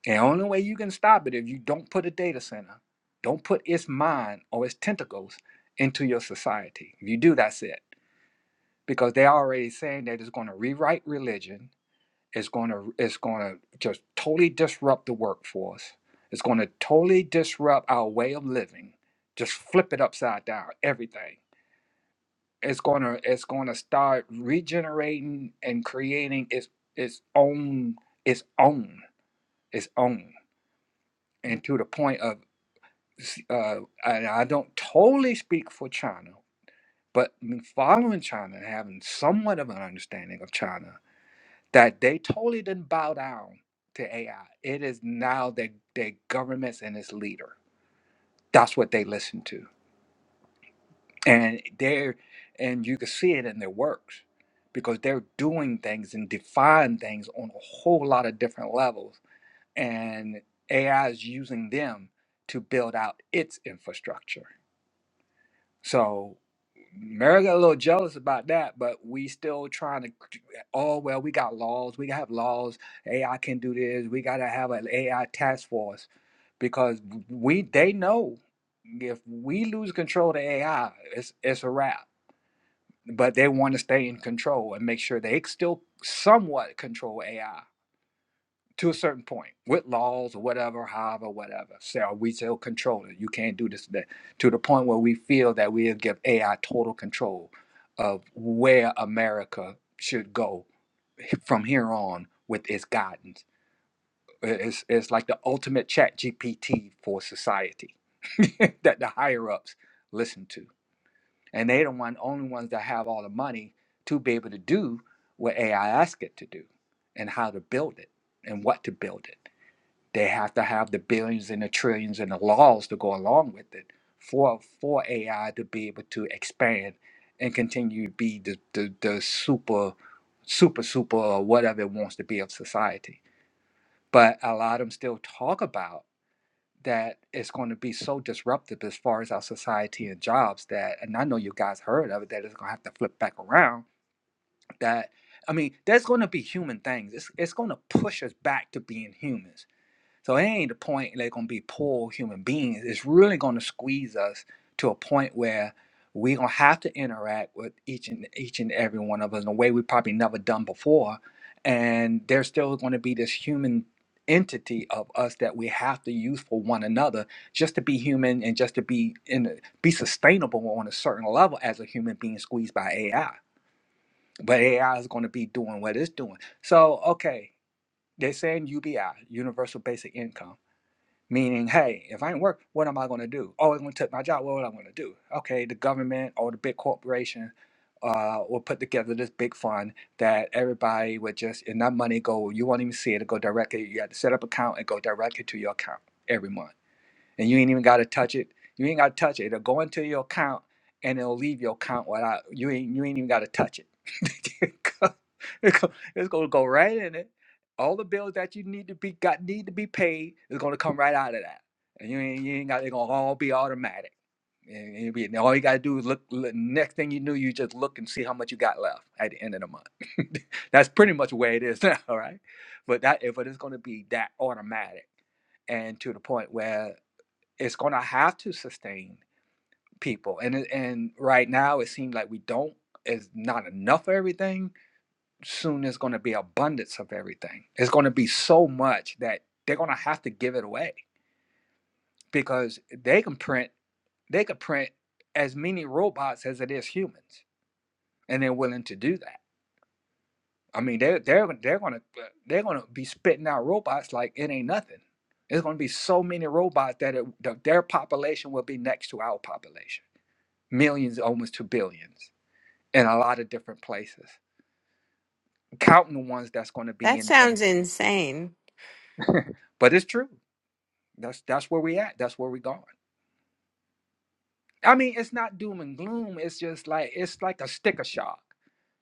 Speaker 3: and the only way you can stop it if you don't put a data center don't put its mind or its tentacles into your society if you do that's it because they're already saying that it's going to rewrite religion is going to is going to just totally disrupt the workforce. It's going to totally disrupt our way of living. Just flip it upside down. Everything. It's going to it's going to start regenerating and creating its its own its own its own. And to the point of, uh, and I don't totally speak for China, but following China and having somewhat of an understanding of China that they totally didn't bow down to AI. It is now their their governments and its leader. That's what they listen to. And they're and you can see it in their works because they're doing things and defying things on a whole lot of different levels. And AI is using them to build out its infrastructure. So Mary got a little jealous about that, but we still trying to. Oh well, we got laws. We have laws. AI can do this. We gotta have an AI task force because we they know if we lose control to AI, it's it's a wrap. But they want to stay in control and make sure they still somewhat control AI to a certain point with laws or whatever, however, whatever. Say, So we still control it. You can't do this that to the point where we feel that we'll give AI total control of where America should go from here on with its guidance. It's, it's like the ultimate chat GPT for society that the higher ups listen to. And they're the one, only ones that have all the money to be able to do what AI asks it to do and how to build it and what to build it. They have to have the billions and the trillions and the laws to go along with it for for AI to be able to expand and continue to be the the, the super super super or whatever it wants to be of society. But a lot of them still talk about that it's going to be so disruptive as far as our society and jobs that, and I know you guys heard of it, that it's going to have to flip back around. That I mean, there's going to be human things. It's it's going to push us back to being humans so it ain't the point they're gonna be poor human beings. It's really gonna squeeze us to a point where we're gonna have to interact with each and each and every one of us in a way we probably never done before. And there's still gonna be this human entity of us that we have to use for one another just to be human and just to be in a, be sustainable on a certain level as a human being squeezed by AI. But AI is gonna be doing what it's doing. So okay, they're saying UBI, universal basic income Meaning, hey, if I ain't work, what am I going to do? Oh, it's going to take my job. What am I going to do? Okay, the government or the big corporation uh, will put together this big fund that everybody would just, and that money go, you won't even see it, it go directly. You have to set up an account and go directly to your account every month and you ain't even got to touch it. You ain't got to touch it. It'll go into your account and it'll leave your account without you ain't you ain't even got to touch it. It go- it go- it's going to go right in it. All the bills that you need to be got need to be paid is going to come right out of that, and you ain't you ain't got. They're going to all be automatic. And it'll be- and all you gotta do is look, look. Next thing you knew, you just look and see how much you got left at the end of the month. That's pretty much where it is now, right? But that, if it is going to be that automatic, and to the point where it's going to have to sustain people and and right now it seems like we don't is not enough of everything soon there's going to be abundance of everything it's going to be so much that they're going to have to give it away because they can print they could print as many robots as it is humans and they're willing to do that i mean they're they're, they're going to they're going to be spitting out robots like it ain't nothing there's going to be so many robots that, it, that their population will be next to our population millions almost to billions in a lot of different places counting the ones that's going to be
Speaker 1: That
Speaker 3: in
Speaker 1: sounds
Speaker 3: there
Speaker 1: insane.
Speaker 3: but it's true that's that's where we at that's where we going i mean it's not doom and gloom it's just like it's like a sticker shock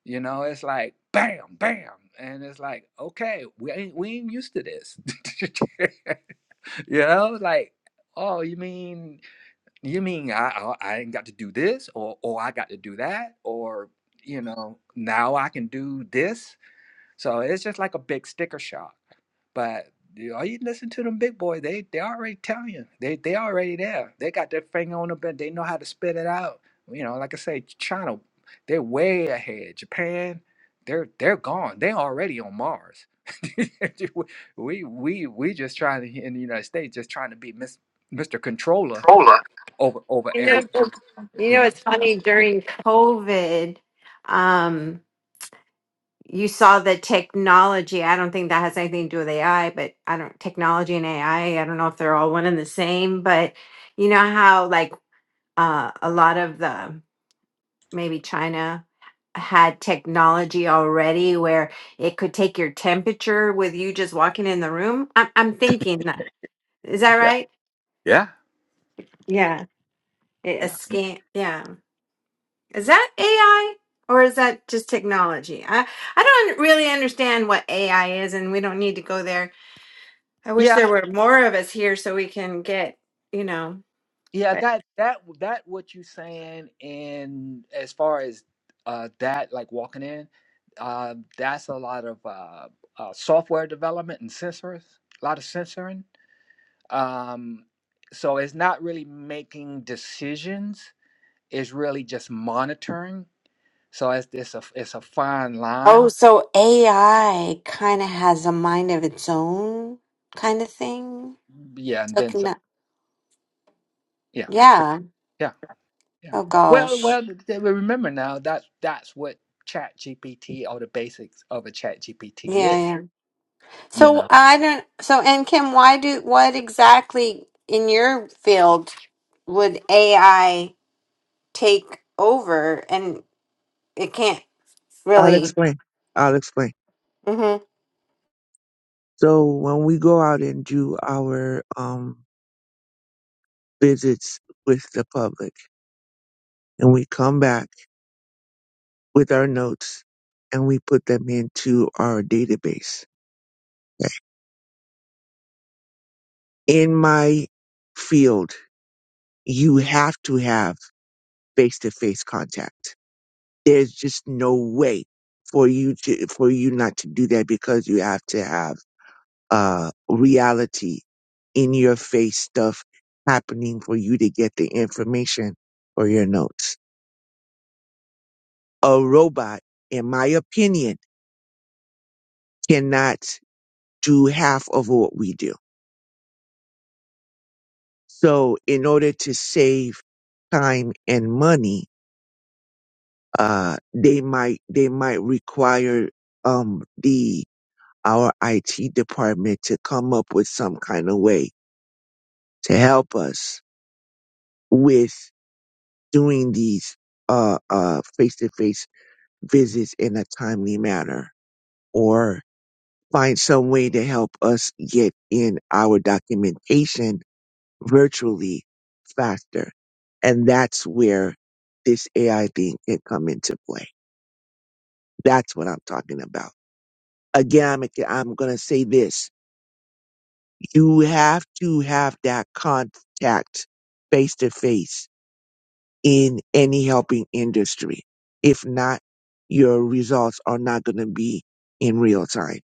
Speaker 3: you know it's like bam bam and it's like okay we ain't, we ain't used to this you know like oh you mean you mean I, I i ain't got to do this or or i got to do that or you know now i can do this So it's just like a big sticker shock. But you all you listen to them big boy, they they already Italian. They they already there. They got their finger on the bend. They know how to spit it out. You know, like I say, China, they're way ahead. Japan, they're they're gone. They already on Mars. we we we just trying to in the United States, just trying to be Miss, Mr. Controller over over
Speaker 1: You know,
Speaker 3: everything.
Speaker 1: you
Speaker 3: You
Speaker 1: know,
Speaker 3: know?
Speaker 1: it's funny during COVID, um, you saw the technology. I don't think that has anything to do with AI, but I don't technology and AI. I I don't know if they're all one and the same, but you know how like uh, a lot of the maybe China had technology already where it could take your temperature with you just walking in the room. I'm, I'm thinking that. Is that
Speaker 3: Yeah.
Speaker 1: right?
Speaker 3: Yeah.
Speaker 1: Yeah. A
Speaker 3: Yeah.
Speaker 1: scan. Yeah. Is that AI or is that just technology? I, I don't really understand what AI is and we don't need to go there. I wish
Speaker 3: Yeah.
Speaker 1: there were more of us here so we can get, you know,
Speaker 3: Yeah,
Speaker 1: but
Speaker 3: that that that what you saying and as far as uh that like walking in, uh, that's a lot of uh, uh software development and sensors, a lot of censoring. Um so it's not really making decisions, it's really just monitoring. So it's it's a it's a fine line.
Speaker 1: Oh, so AI kind of has a mind of its own kind of thing.
Speaker 3: Yeah, and
Speaker 1: So
Speaker 3: then
Speaker 1: can
Speaker 3: so
Speaker 1: that,
Speaker 3: yeah, pre-
Speaker 1: yeah.
Speaker 3: yeah. Yeah.
Speaker 1: Oh
Speaker 3: Well,
Speaker 1: gosh.
Speaker 3: well, th- th- remember now that that's what Chat GPT or the basics of a Chat GPT
Speaker 1: Yeah,
Speaker 3: is,
Speaker 1: yeah.
Speaker 3: you
Speaker 1: So
Speaker 3: know.
Speaker 1: I don't so and Kim, why do what exactly in your field would AI take over and it can't
Speaker 2: I'll
Speaker 1: really
Speaker 2: explain. I'll explain.
Speaker 1: hmm
Speaker 2: So when we go out and do our um, visits with the public and we come back with our notes and we put them into our database. In my field, you have to have face to face contact. There's just no way for you to, for you not to do that because you have to have, uh, reality in your face stuff happening for you to get the information for your notes. A robot, in my opinion, cannot do half of what we do. So in order to save time and money, uh, they might, they might require, um, the our IT department to come up with some kind of way to help us with doing these uh uh face to face visits in a timely manner or find some way to help us get in our documentation virtually faster. And that's where this AI thing can come into play. That's what I'm talking about. Again, I'm, I'm going to say this you have to have that contact face to face in any helping industry. If not, your results are not going to be in real time.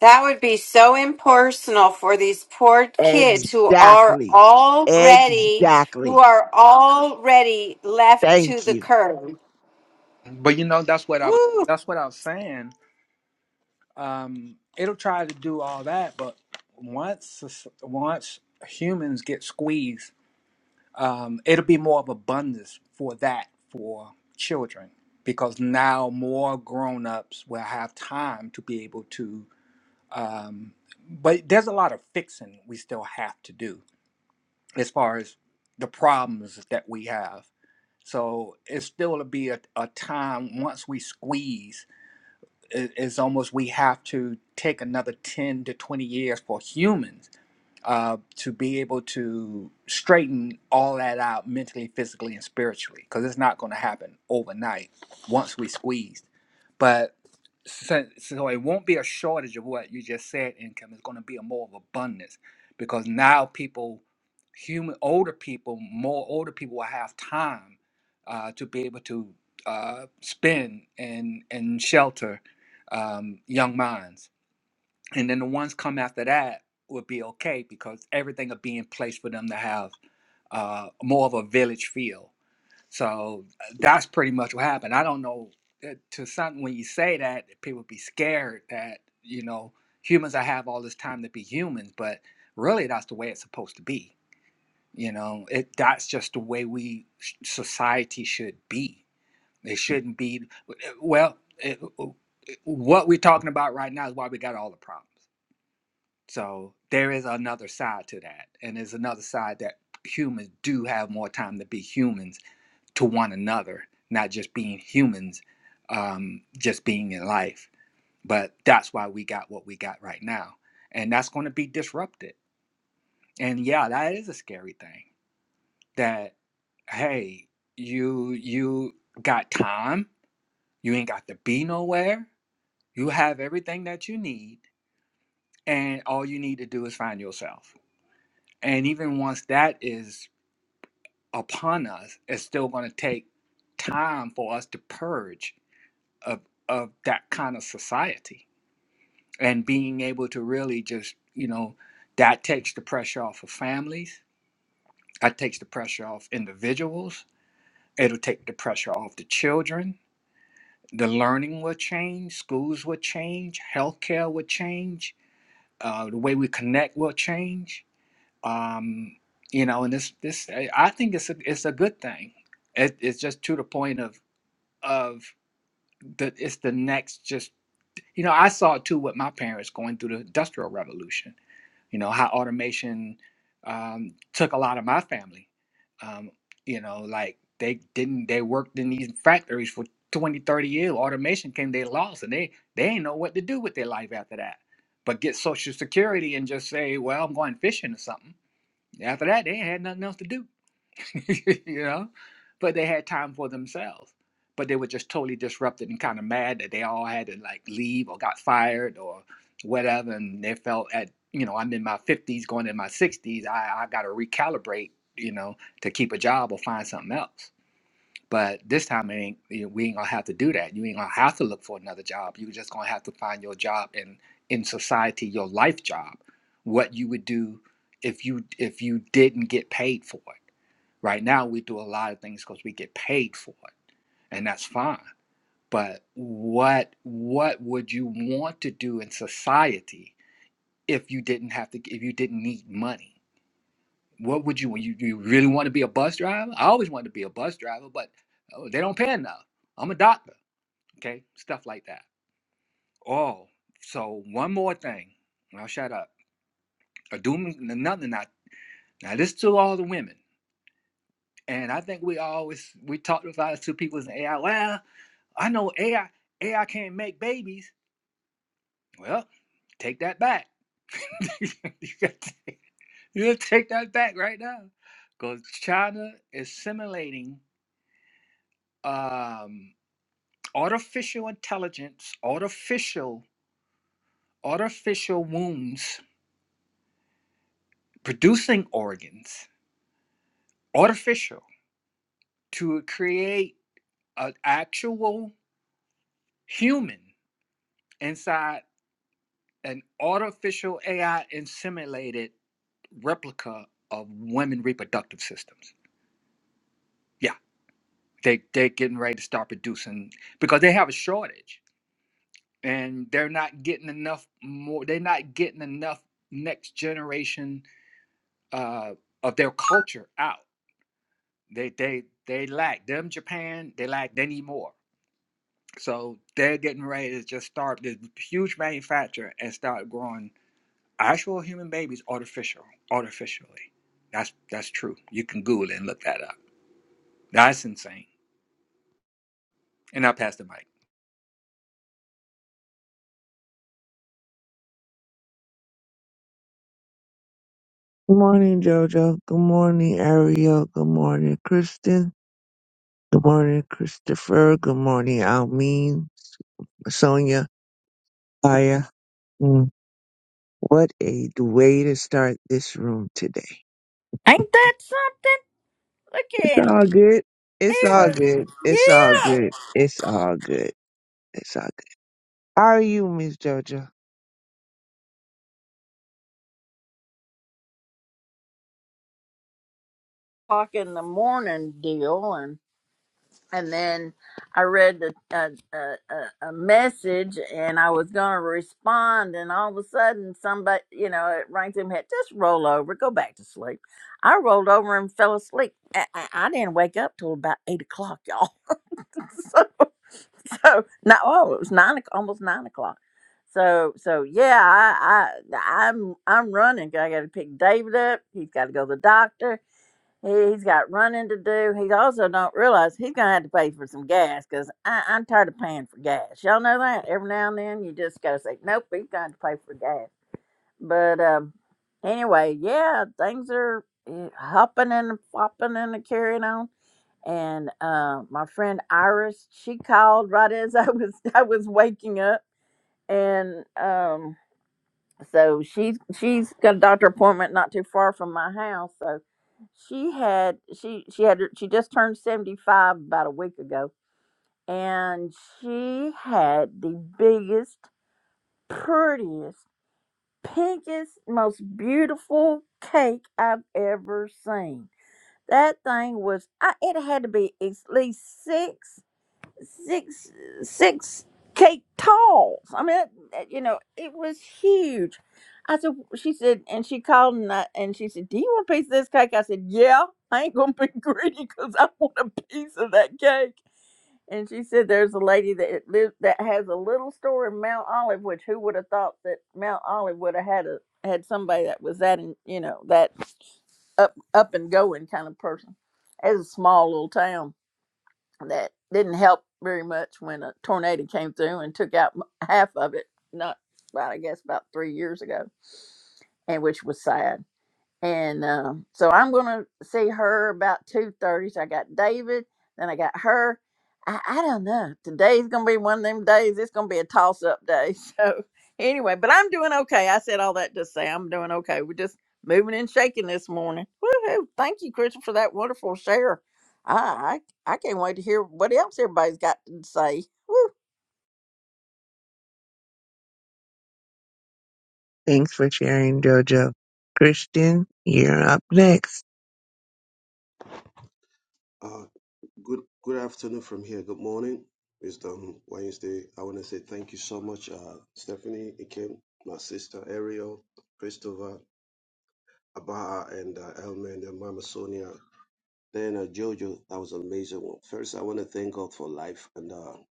Speaker 1: That would be so impersonal for these poor kids who are
Speaker 2: Exactly.
Speaker 1: already who
Speaker 2: Exactly.
Speaker 1: are already left to
Speaker 2: Thank
Speaker 1: the
Speaker 2: you.
Speaker 1: curb.
Speaker 3: But you know, that's what I
Speaker 1: Woo.
Speaker 3: that's what I was saying. Um, it'll try to do all that, but once soc- once humans get squeezed, um, it'll be more of abundance for that for children because now more grown-ups will have time to be able to um, but there's a lot of fixing we still have to do as far as the problems that we have. So it's still to be a, a time once we squeeze, i- it's almost we have to take another 10 to 20 years for humans uh, to be able to straighten all that out mentally, physically, and spiritually, because it's not going to happen overnight once we squeeze. But so, so it won't be a shortage of what you just said, income. It's going to be a more of abundance because now people, human, older people, more older people will have time uh, to be able to uh, spend and and shelter um, young minds and then the ones come after that would be okay because everything would be in place for them to have uh, more of a village feel. So uh, that's pretty much what happened. I don't know uh, to some when you say that people be scared that you know humans I have all this time to be humans, but really that's the way it's supposed to be. You know, it that's just the way we society should be. It shouldn't be eh, well. It, what we're talking about right now is why we got all the problems so there is another side to that. And there's another side that humans do have more time to be humans to one another, not just being humans, um, just being in life. But that's why we got what we got right now. And that's going to be disrupted. And yeah, that is a scary thing that, hey, you you got time. You ain't got to be nowhere. You have everything that you need. And all you need to do is find yourself And even once that is upon us, it's still going to take time for us to purge of of that kind of society and being able to really just, you know, that takes the pressure off of families. That takes the pressure off individuals. It'll take the pressure off the children. The learning will change. Schools will change. Healthcare will change. Uh, the way we connect will change um, you know, and this this I I think it's a it's a good thing. It, it's just to the point of of the it's the next just you know I saw it too with my parents going through the industrial revolution. You know how automation um, took a lot of my family. Um, you know, like they didn't they worked in these factories for 20, 30 years. Automation came, they lost, and they they ain't know what to do with their life after that. But get Social Security and just say, well, I'm going fishing or something after that, they had nothing else to do, you know. But they had time for themselves. But they were just totally disrupted and kind of mad that they all had to like leave or got fired or whatever, and they felt at you know I'm in my 50s, going in my 60s, I I got to recalibrate, you know, to keep a job or find something else. But this time, it ain't, you know, we ain't gonna have to do that. You ain't gonna have to look for another job. You're just gonna have to find your job in in society, your life job, what you would do if you if you didn't get paid for it. Right now, we do a lot of things because we get paid for it, and that's fine. But what what would you want to do in society if you didn't have to if you didn't need money? What would you you, you really want to be a bus driver? I always wanted to be a bus driver, but oh, they don't pay enough. I'm a doctor, okay? Stuff like that. Oh, so one more thing. and I'll shut up. A doom another not. Now this to all the women, and I think we always we talked about it to people in AI. Well, I know AI AI can't make babies. Well, take that back. you gotta take you gotta take that back right now, because China is simulating. um, artificial intelligence, artificial, artificial wombs, producing organs, artificial to create an actual human inside an artificial AI and simulated replica of women reproductive systems. Yeah, they they're getting ready to start producing because they have a shortage and they're not getting enough more. They're not getting enough next generation uh, of their culture out. They they they lack them Japan. They lack they need more. So they're getting ready to just start this huge manufacture and start growing actual human babies artificial artificially. That's that's true. You can Google it and look that up. That's insane. And I pass the mic.
Speaker 2: Good morning, Jojo. Good morning, Ariel. Good morning, Kristen. Good morning, Christopher. Good morning, Almeen, Sonia, Aya. Mm, What a way to start this room today.
Speaker 5: Ain't that something? Look
Speaker 2: It's
Speaker 5: at him.
Speaker 2: all good. It's
Speaker 5: He
Speaker 2: all
Speaker 5: was,
Speaker 2: good. It's all
Speaker 5: yeah.
Speaker 2: good. It's all good. It's all good. How are you, Miss Jojo?
Speaker 5: O'clock in the morning deal, and and then I read a a, a, a a message, and I was gonna respond, and all of a sudden somebody, you know, it rang through my head. Just roll over, go back to sleep. I rolled over and fell asleep. I, I, I didn't wake up till about eight o'clock, y'all. So so now oh it was nine o'c- almost nine o'clock so so yeah i i i'm i'm running 'cause i gotta pick david up he's gotta go to the doctor he, he's got running to do he also don't realize he's gonna have to pay for some gas because i'm tired of paying for gas y'all know that every now and then you just gotta say nope he's gonna have to pay for gas but um anyway yeah things are eh, hopping and flopping and carrying on and uh, my friend Iris, she called right as I was I was waking up, and um, so she's she's got a doctor appointment not too far from my house. So she had she she had she just turned seventy five about a week ago, and she had the biggest, prettiest, pinkest, most beautiful cake I've ever seen. That thing was I, it had to be at least six six six cake tall. I mean, that, that, you know, it was huge. I said, she said, and she called and I, and she said, "Do you want a piece of this cake?" I said, "Yeah, I ain't gonna be greedy because I want a piece of that cake." And she said, "There's a lady that lives that has a little store in Mount Olive, which who would have thought that Mount Olive would have had a had somebody that was that in, you know that up up and going kind of person as a small little town." that didn't help very much when a tornado came through and took out m- half of it. Not about I guess about three years ago, and which was sad. And um, so I'm gonna see her about two thirty. So I got David, then I got her. I, I don't know. Today's gonna be one of them days. It's gonna be a toss up day. So anyway, but I'm doing okay. I said all that to say I'm doing okay. We're just moving and shaking this morning. Woohoo! Thank you, Crystal, for that wonderful share. I I, I can't wait to hear what else everybody's got to say.
Speaker 2: Thanks for sharing, Jojo. Christian, you're up next.
Speaker 6: Uh, good good afternoon from here. Good morning. Wisdom Wednesday. I want to say thank you so much, uh, Stephanie, Ikem, my sister Ariel, Christopher, Abaha, and uh, Elmer, and then Mama Sonia. Then uh, Jojo, that was an amazing one. First, I want to thank God for life, and uh, I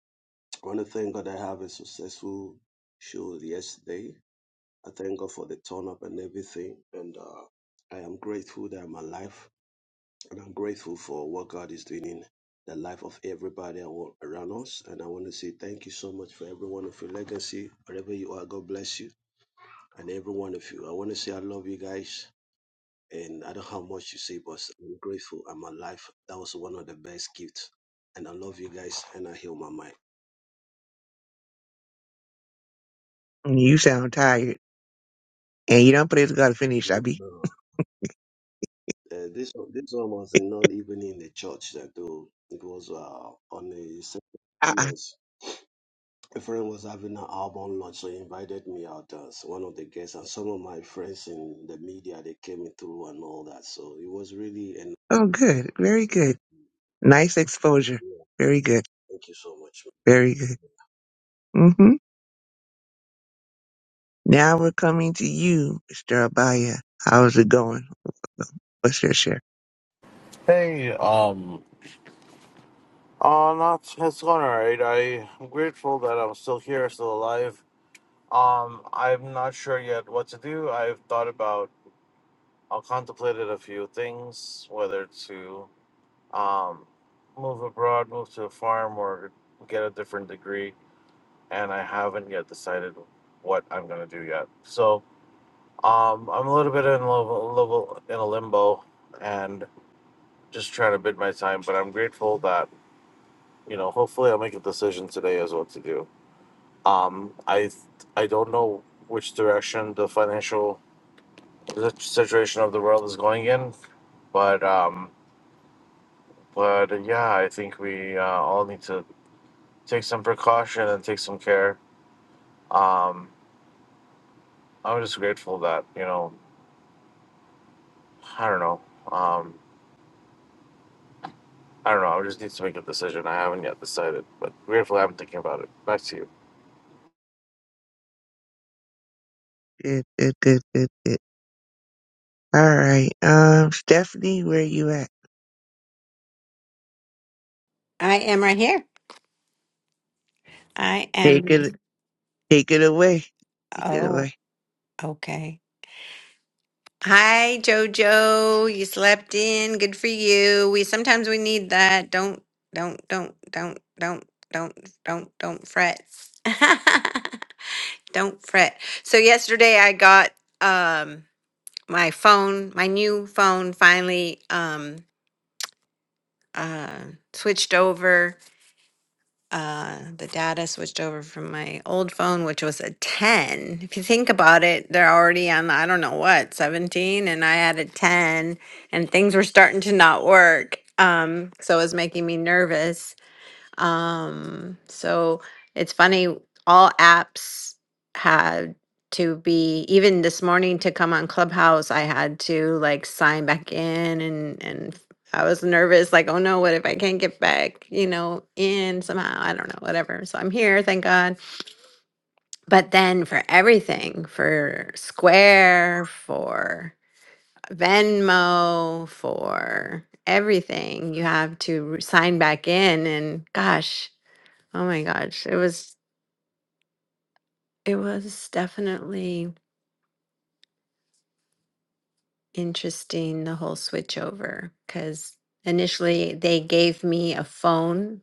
Speaker 6: want to thank God I have a successful show yesterday. I thank God for the turn up and everything, and uh, I am grateful that I'm alive. And I'm grateful for what God is doing in the life of everybody awa- around us. And I want to say thank you so much for every one of your legacy. Wherever you are, God bless you. And every one of you. I want to say I love you guys. And I don't know how much you say, but I'm grateful. I'm alive. That was one of the best gifts. And I love you guys. And I heal my mind.
Speaker 2: You sound tired. And you don't please gotta finish,
Speaker 6: Mm,
Speaker 2: Abby.
Speaker 6: no. Uh, this one- this one was not even in the church that though it was uh, on a
Speaker 2: Uh-uh.
Speaker 6: yes A friend was having an album launch, so he invited me out as one of the guests, and some of my friends in the media they came through and all that. So it was really and
Speaker 2: Oh good. Very good. Nice exposure. Very good.
Speaker 6: thank you so much.
Speaker 2: Very good. Mm-hmm. Now we're coming to you, Mr. Abaya. How's it going? What's your share?
Speaker 7: Hey, um, uh, not, it's going alright. I- am grateful that I'm still here, still alive. Um, I'm not sure yet what to do. I've thought about, I contemplated a few things, whether to, um, move abroad, move to a farm, or get a different degree, and I haven't yet decided what I'm gonna do yet. So, um, I'm a little bit in level, level in a limbo, and just trying to bid my time. But I'm grateful that you know, hopefully I'll make a decision today as what to do. Um, I I don't know which direction the financial si-, situation of the world is going in, but um, but yeah, I think we uh, all need to take some precaution and take some care. Um, I'm just grateful that you know, I don't know. Um, I don't know. I just need to make a decision. I haven't yet decided, but grateful I'm thinking about it. Back to you.
Speaker 2: Good, good, good, good, good. All right. Um, Stephanie, where you at?
Speaker 1: I am right here. I
Speaker 2: Take
Speaker 1: am
Speaker 2: it Take it away. Take it away.
Speaker 1: oh, okay. Hi, Jojo. You slept in. Good for you. We sometimes we need that. Don't don't don't don't don't don't don't don't fret. don't fret. So yesterday I got um my phone, my new phone finally um uh switched over uh, the data switched over from my old phone, which was a 10. If you think about it, they're already on, I don't know what, 17, and I had a 10, and things were starting to not work. Um, so it was making me nervous. Um, so it's funny, all apps had to be even this morning to come on Clubhouse, I had to like sign back in and and I was nervous, like, oh no, what if I can't get back, you know, in somehow? I don't know, whatever. So I'm here, thank God. But then for everything, for Square, for Venmo, for everything, you have to re- sign back in and gosh, Oh my gosh, it was it was definitely interesting the whole switchover because initially they gave me a phone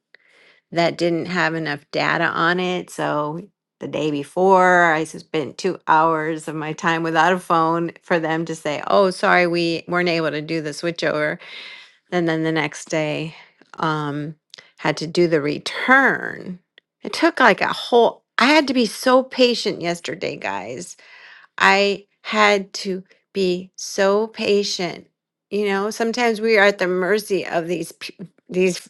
Speaker 1: that didn't have enough data on it. So the day before, I spent two hours of my time without a phone for them to say, "Oh, sorry, we weren't able to do the switchover." And then the next day, um, had to do the return. It took like a whole. I had to be so patient yesterday, guys I had to be so patient. You know, sometimes we are at the mercy of these p- these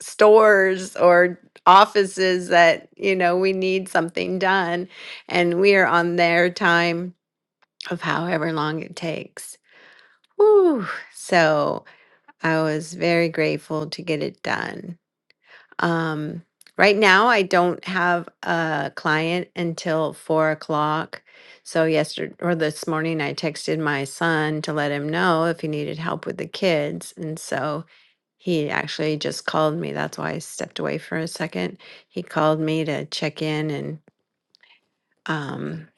Speaker 1: stores or offices that, you know, we need something done and we are on their time of however long it takes. Whew. So I was very grateful to get it done. Um, right now, I don't have a client until four o'clock. So yesterday or this morning, I texted my son to let him know if he needed help with the kids, and so he actually just called me. That's why I stepped away for a second. He called me to check in and um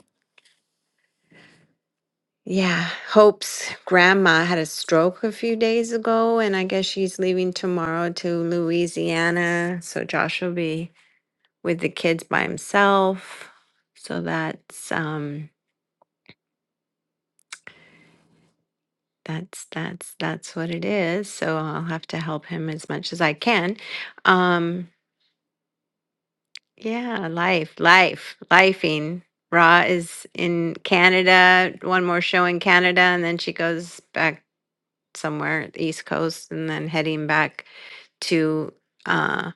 Speaker 1: yeah, Hope's grandma had a stroke a few days ago, and I guess she's leaving tomorrow to Louisiana. So Josh will be with the kids by himself. So that's um that's that's that's what it is. So I'll have to help him as much as I can. Um yeah, life, life, lifing. Ra is in Canada, one more show in Canada, and then she goes back somewhere at the East Coast and then heading back to uh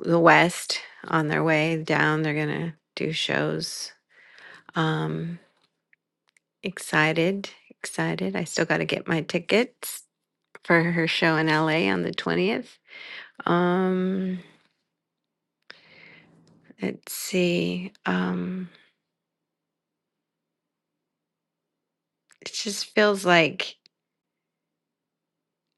Speaker 1: the West on their way down. They're gonna do shows. Um Excited, excited. I still got to get my tickets for her show in LA on the 20th. Um, let's see. Um, it just feels like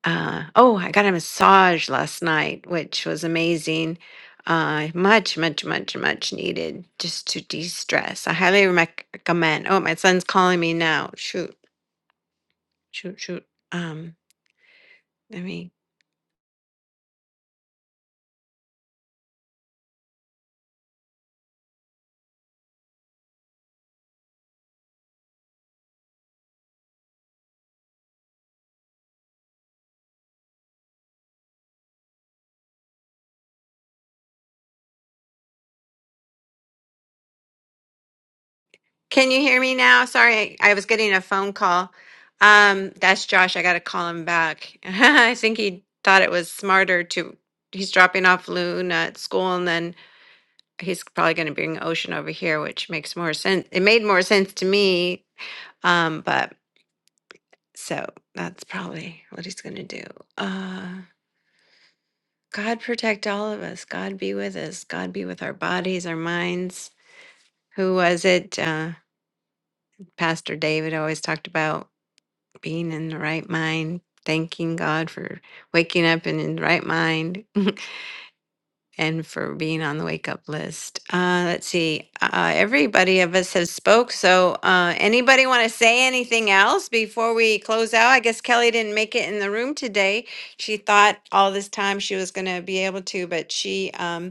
Speaker 1: uh oh, I got a massage last night, which was amazing. Uh, much, much, much, much needed just to de-stress. I highly rec- recommend. Oh, my son's calling me now. Shoot, shoot, shoot. Um, let me Can you hear me now? Sorry, I was getting a phone call. Um, that's Josh. I got to call him back. I think he thought it was smarter to. He's dropping off Luna at school, and then he's probably going to bring Ocean over here, which makes more sense. It made more sense to me. Um, but so that's probably what he's going to do. Uh, God protect all of us. God be with us. God be with our bodies, our minds. Who was it? Uh, Pastor David always talked about. being in the right mind, thanking God for waking up and in the right mind and for being on the wake up list. Uh, let's see. Uh, everybody of us has spoke. So uh, anybody want to say anything else before we close out? I guess Kelly didn't make it in the room today. She thought all this time she was going to be able to, but she. Um,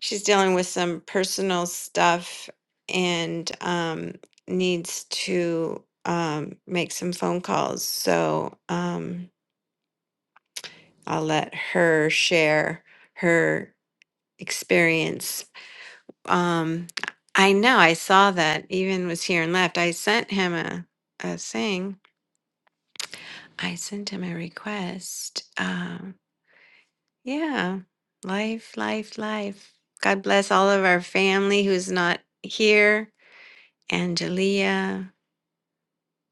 Speaker 1: she's dealing with some personal stuff and um, needs to um, make some phone calls. So um, I'll let her share her experience. Um, I know I saw that even was here and left. I sent him a, a thing. I sent him a request. Um, yeah, life, life, life. God bless all of our family who's not here Angelia,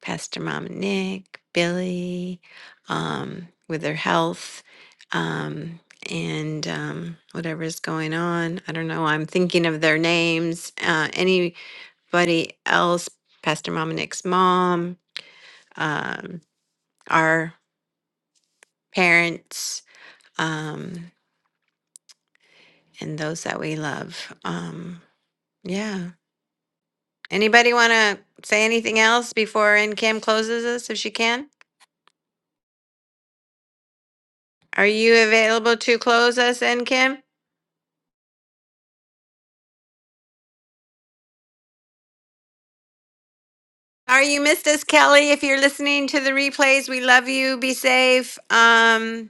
Speaker 1: Pastor Mom and Nick, Billy, um, with their health, um, and um, whatever's going on. I don't know. I'm thinking of their names. Uh, anybody else? Pastor Mom and Nick's mom, um, our parents, um, and those that we love. Um, yeah. Anybody want to say anything else before In Kim closes us, if she can? Are you available to close us in, Kim? Are you missed us, Kelly? If you're listening to the replays, we love you. Be safe. Um,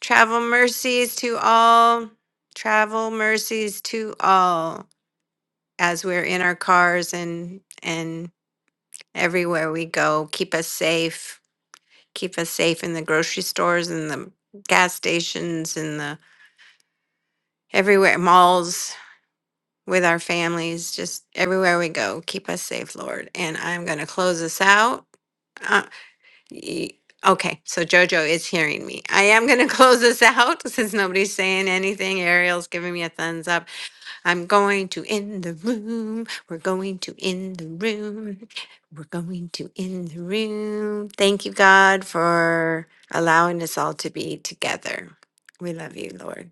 Speaker 1: travel mercies to all. Travel mercies to all as we're in our cars and and everywhere we go. Keep us safe. Keep us safe in the grocery stores and the gas stations and the everywhere malls with our families. Just everywhere we go. Keep us safe, Lord. And I'm gonna close us out Uh, y- okay, so Jojo is hearing me. I am going to close this out since nobody's saying anything. Ariel's giving me a thumbs up. I'm going to in the room. We're going to in the room. We're going to in the room. Thank you, God, for allowing us all to be together. We love you, Lord.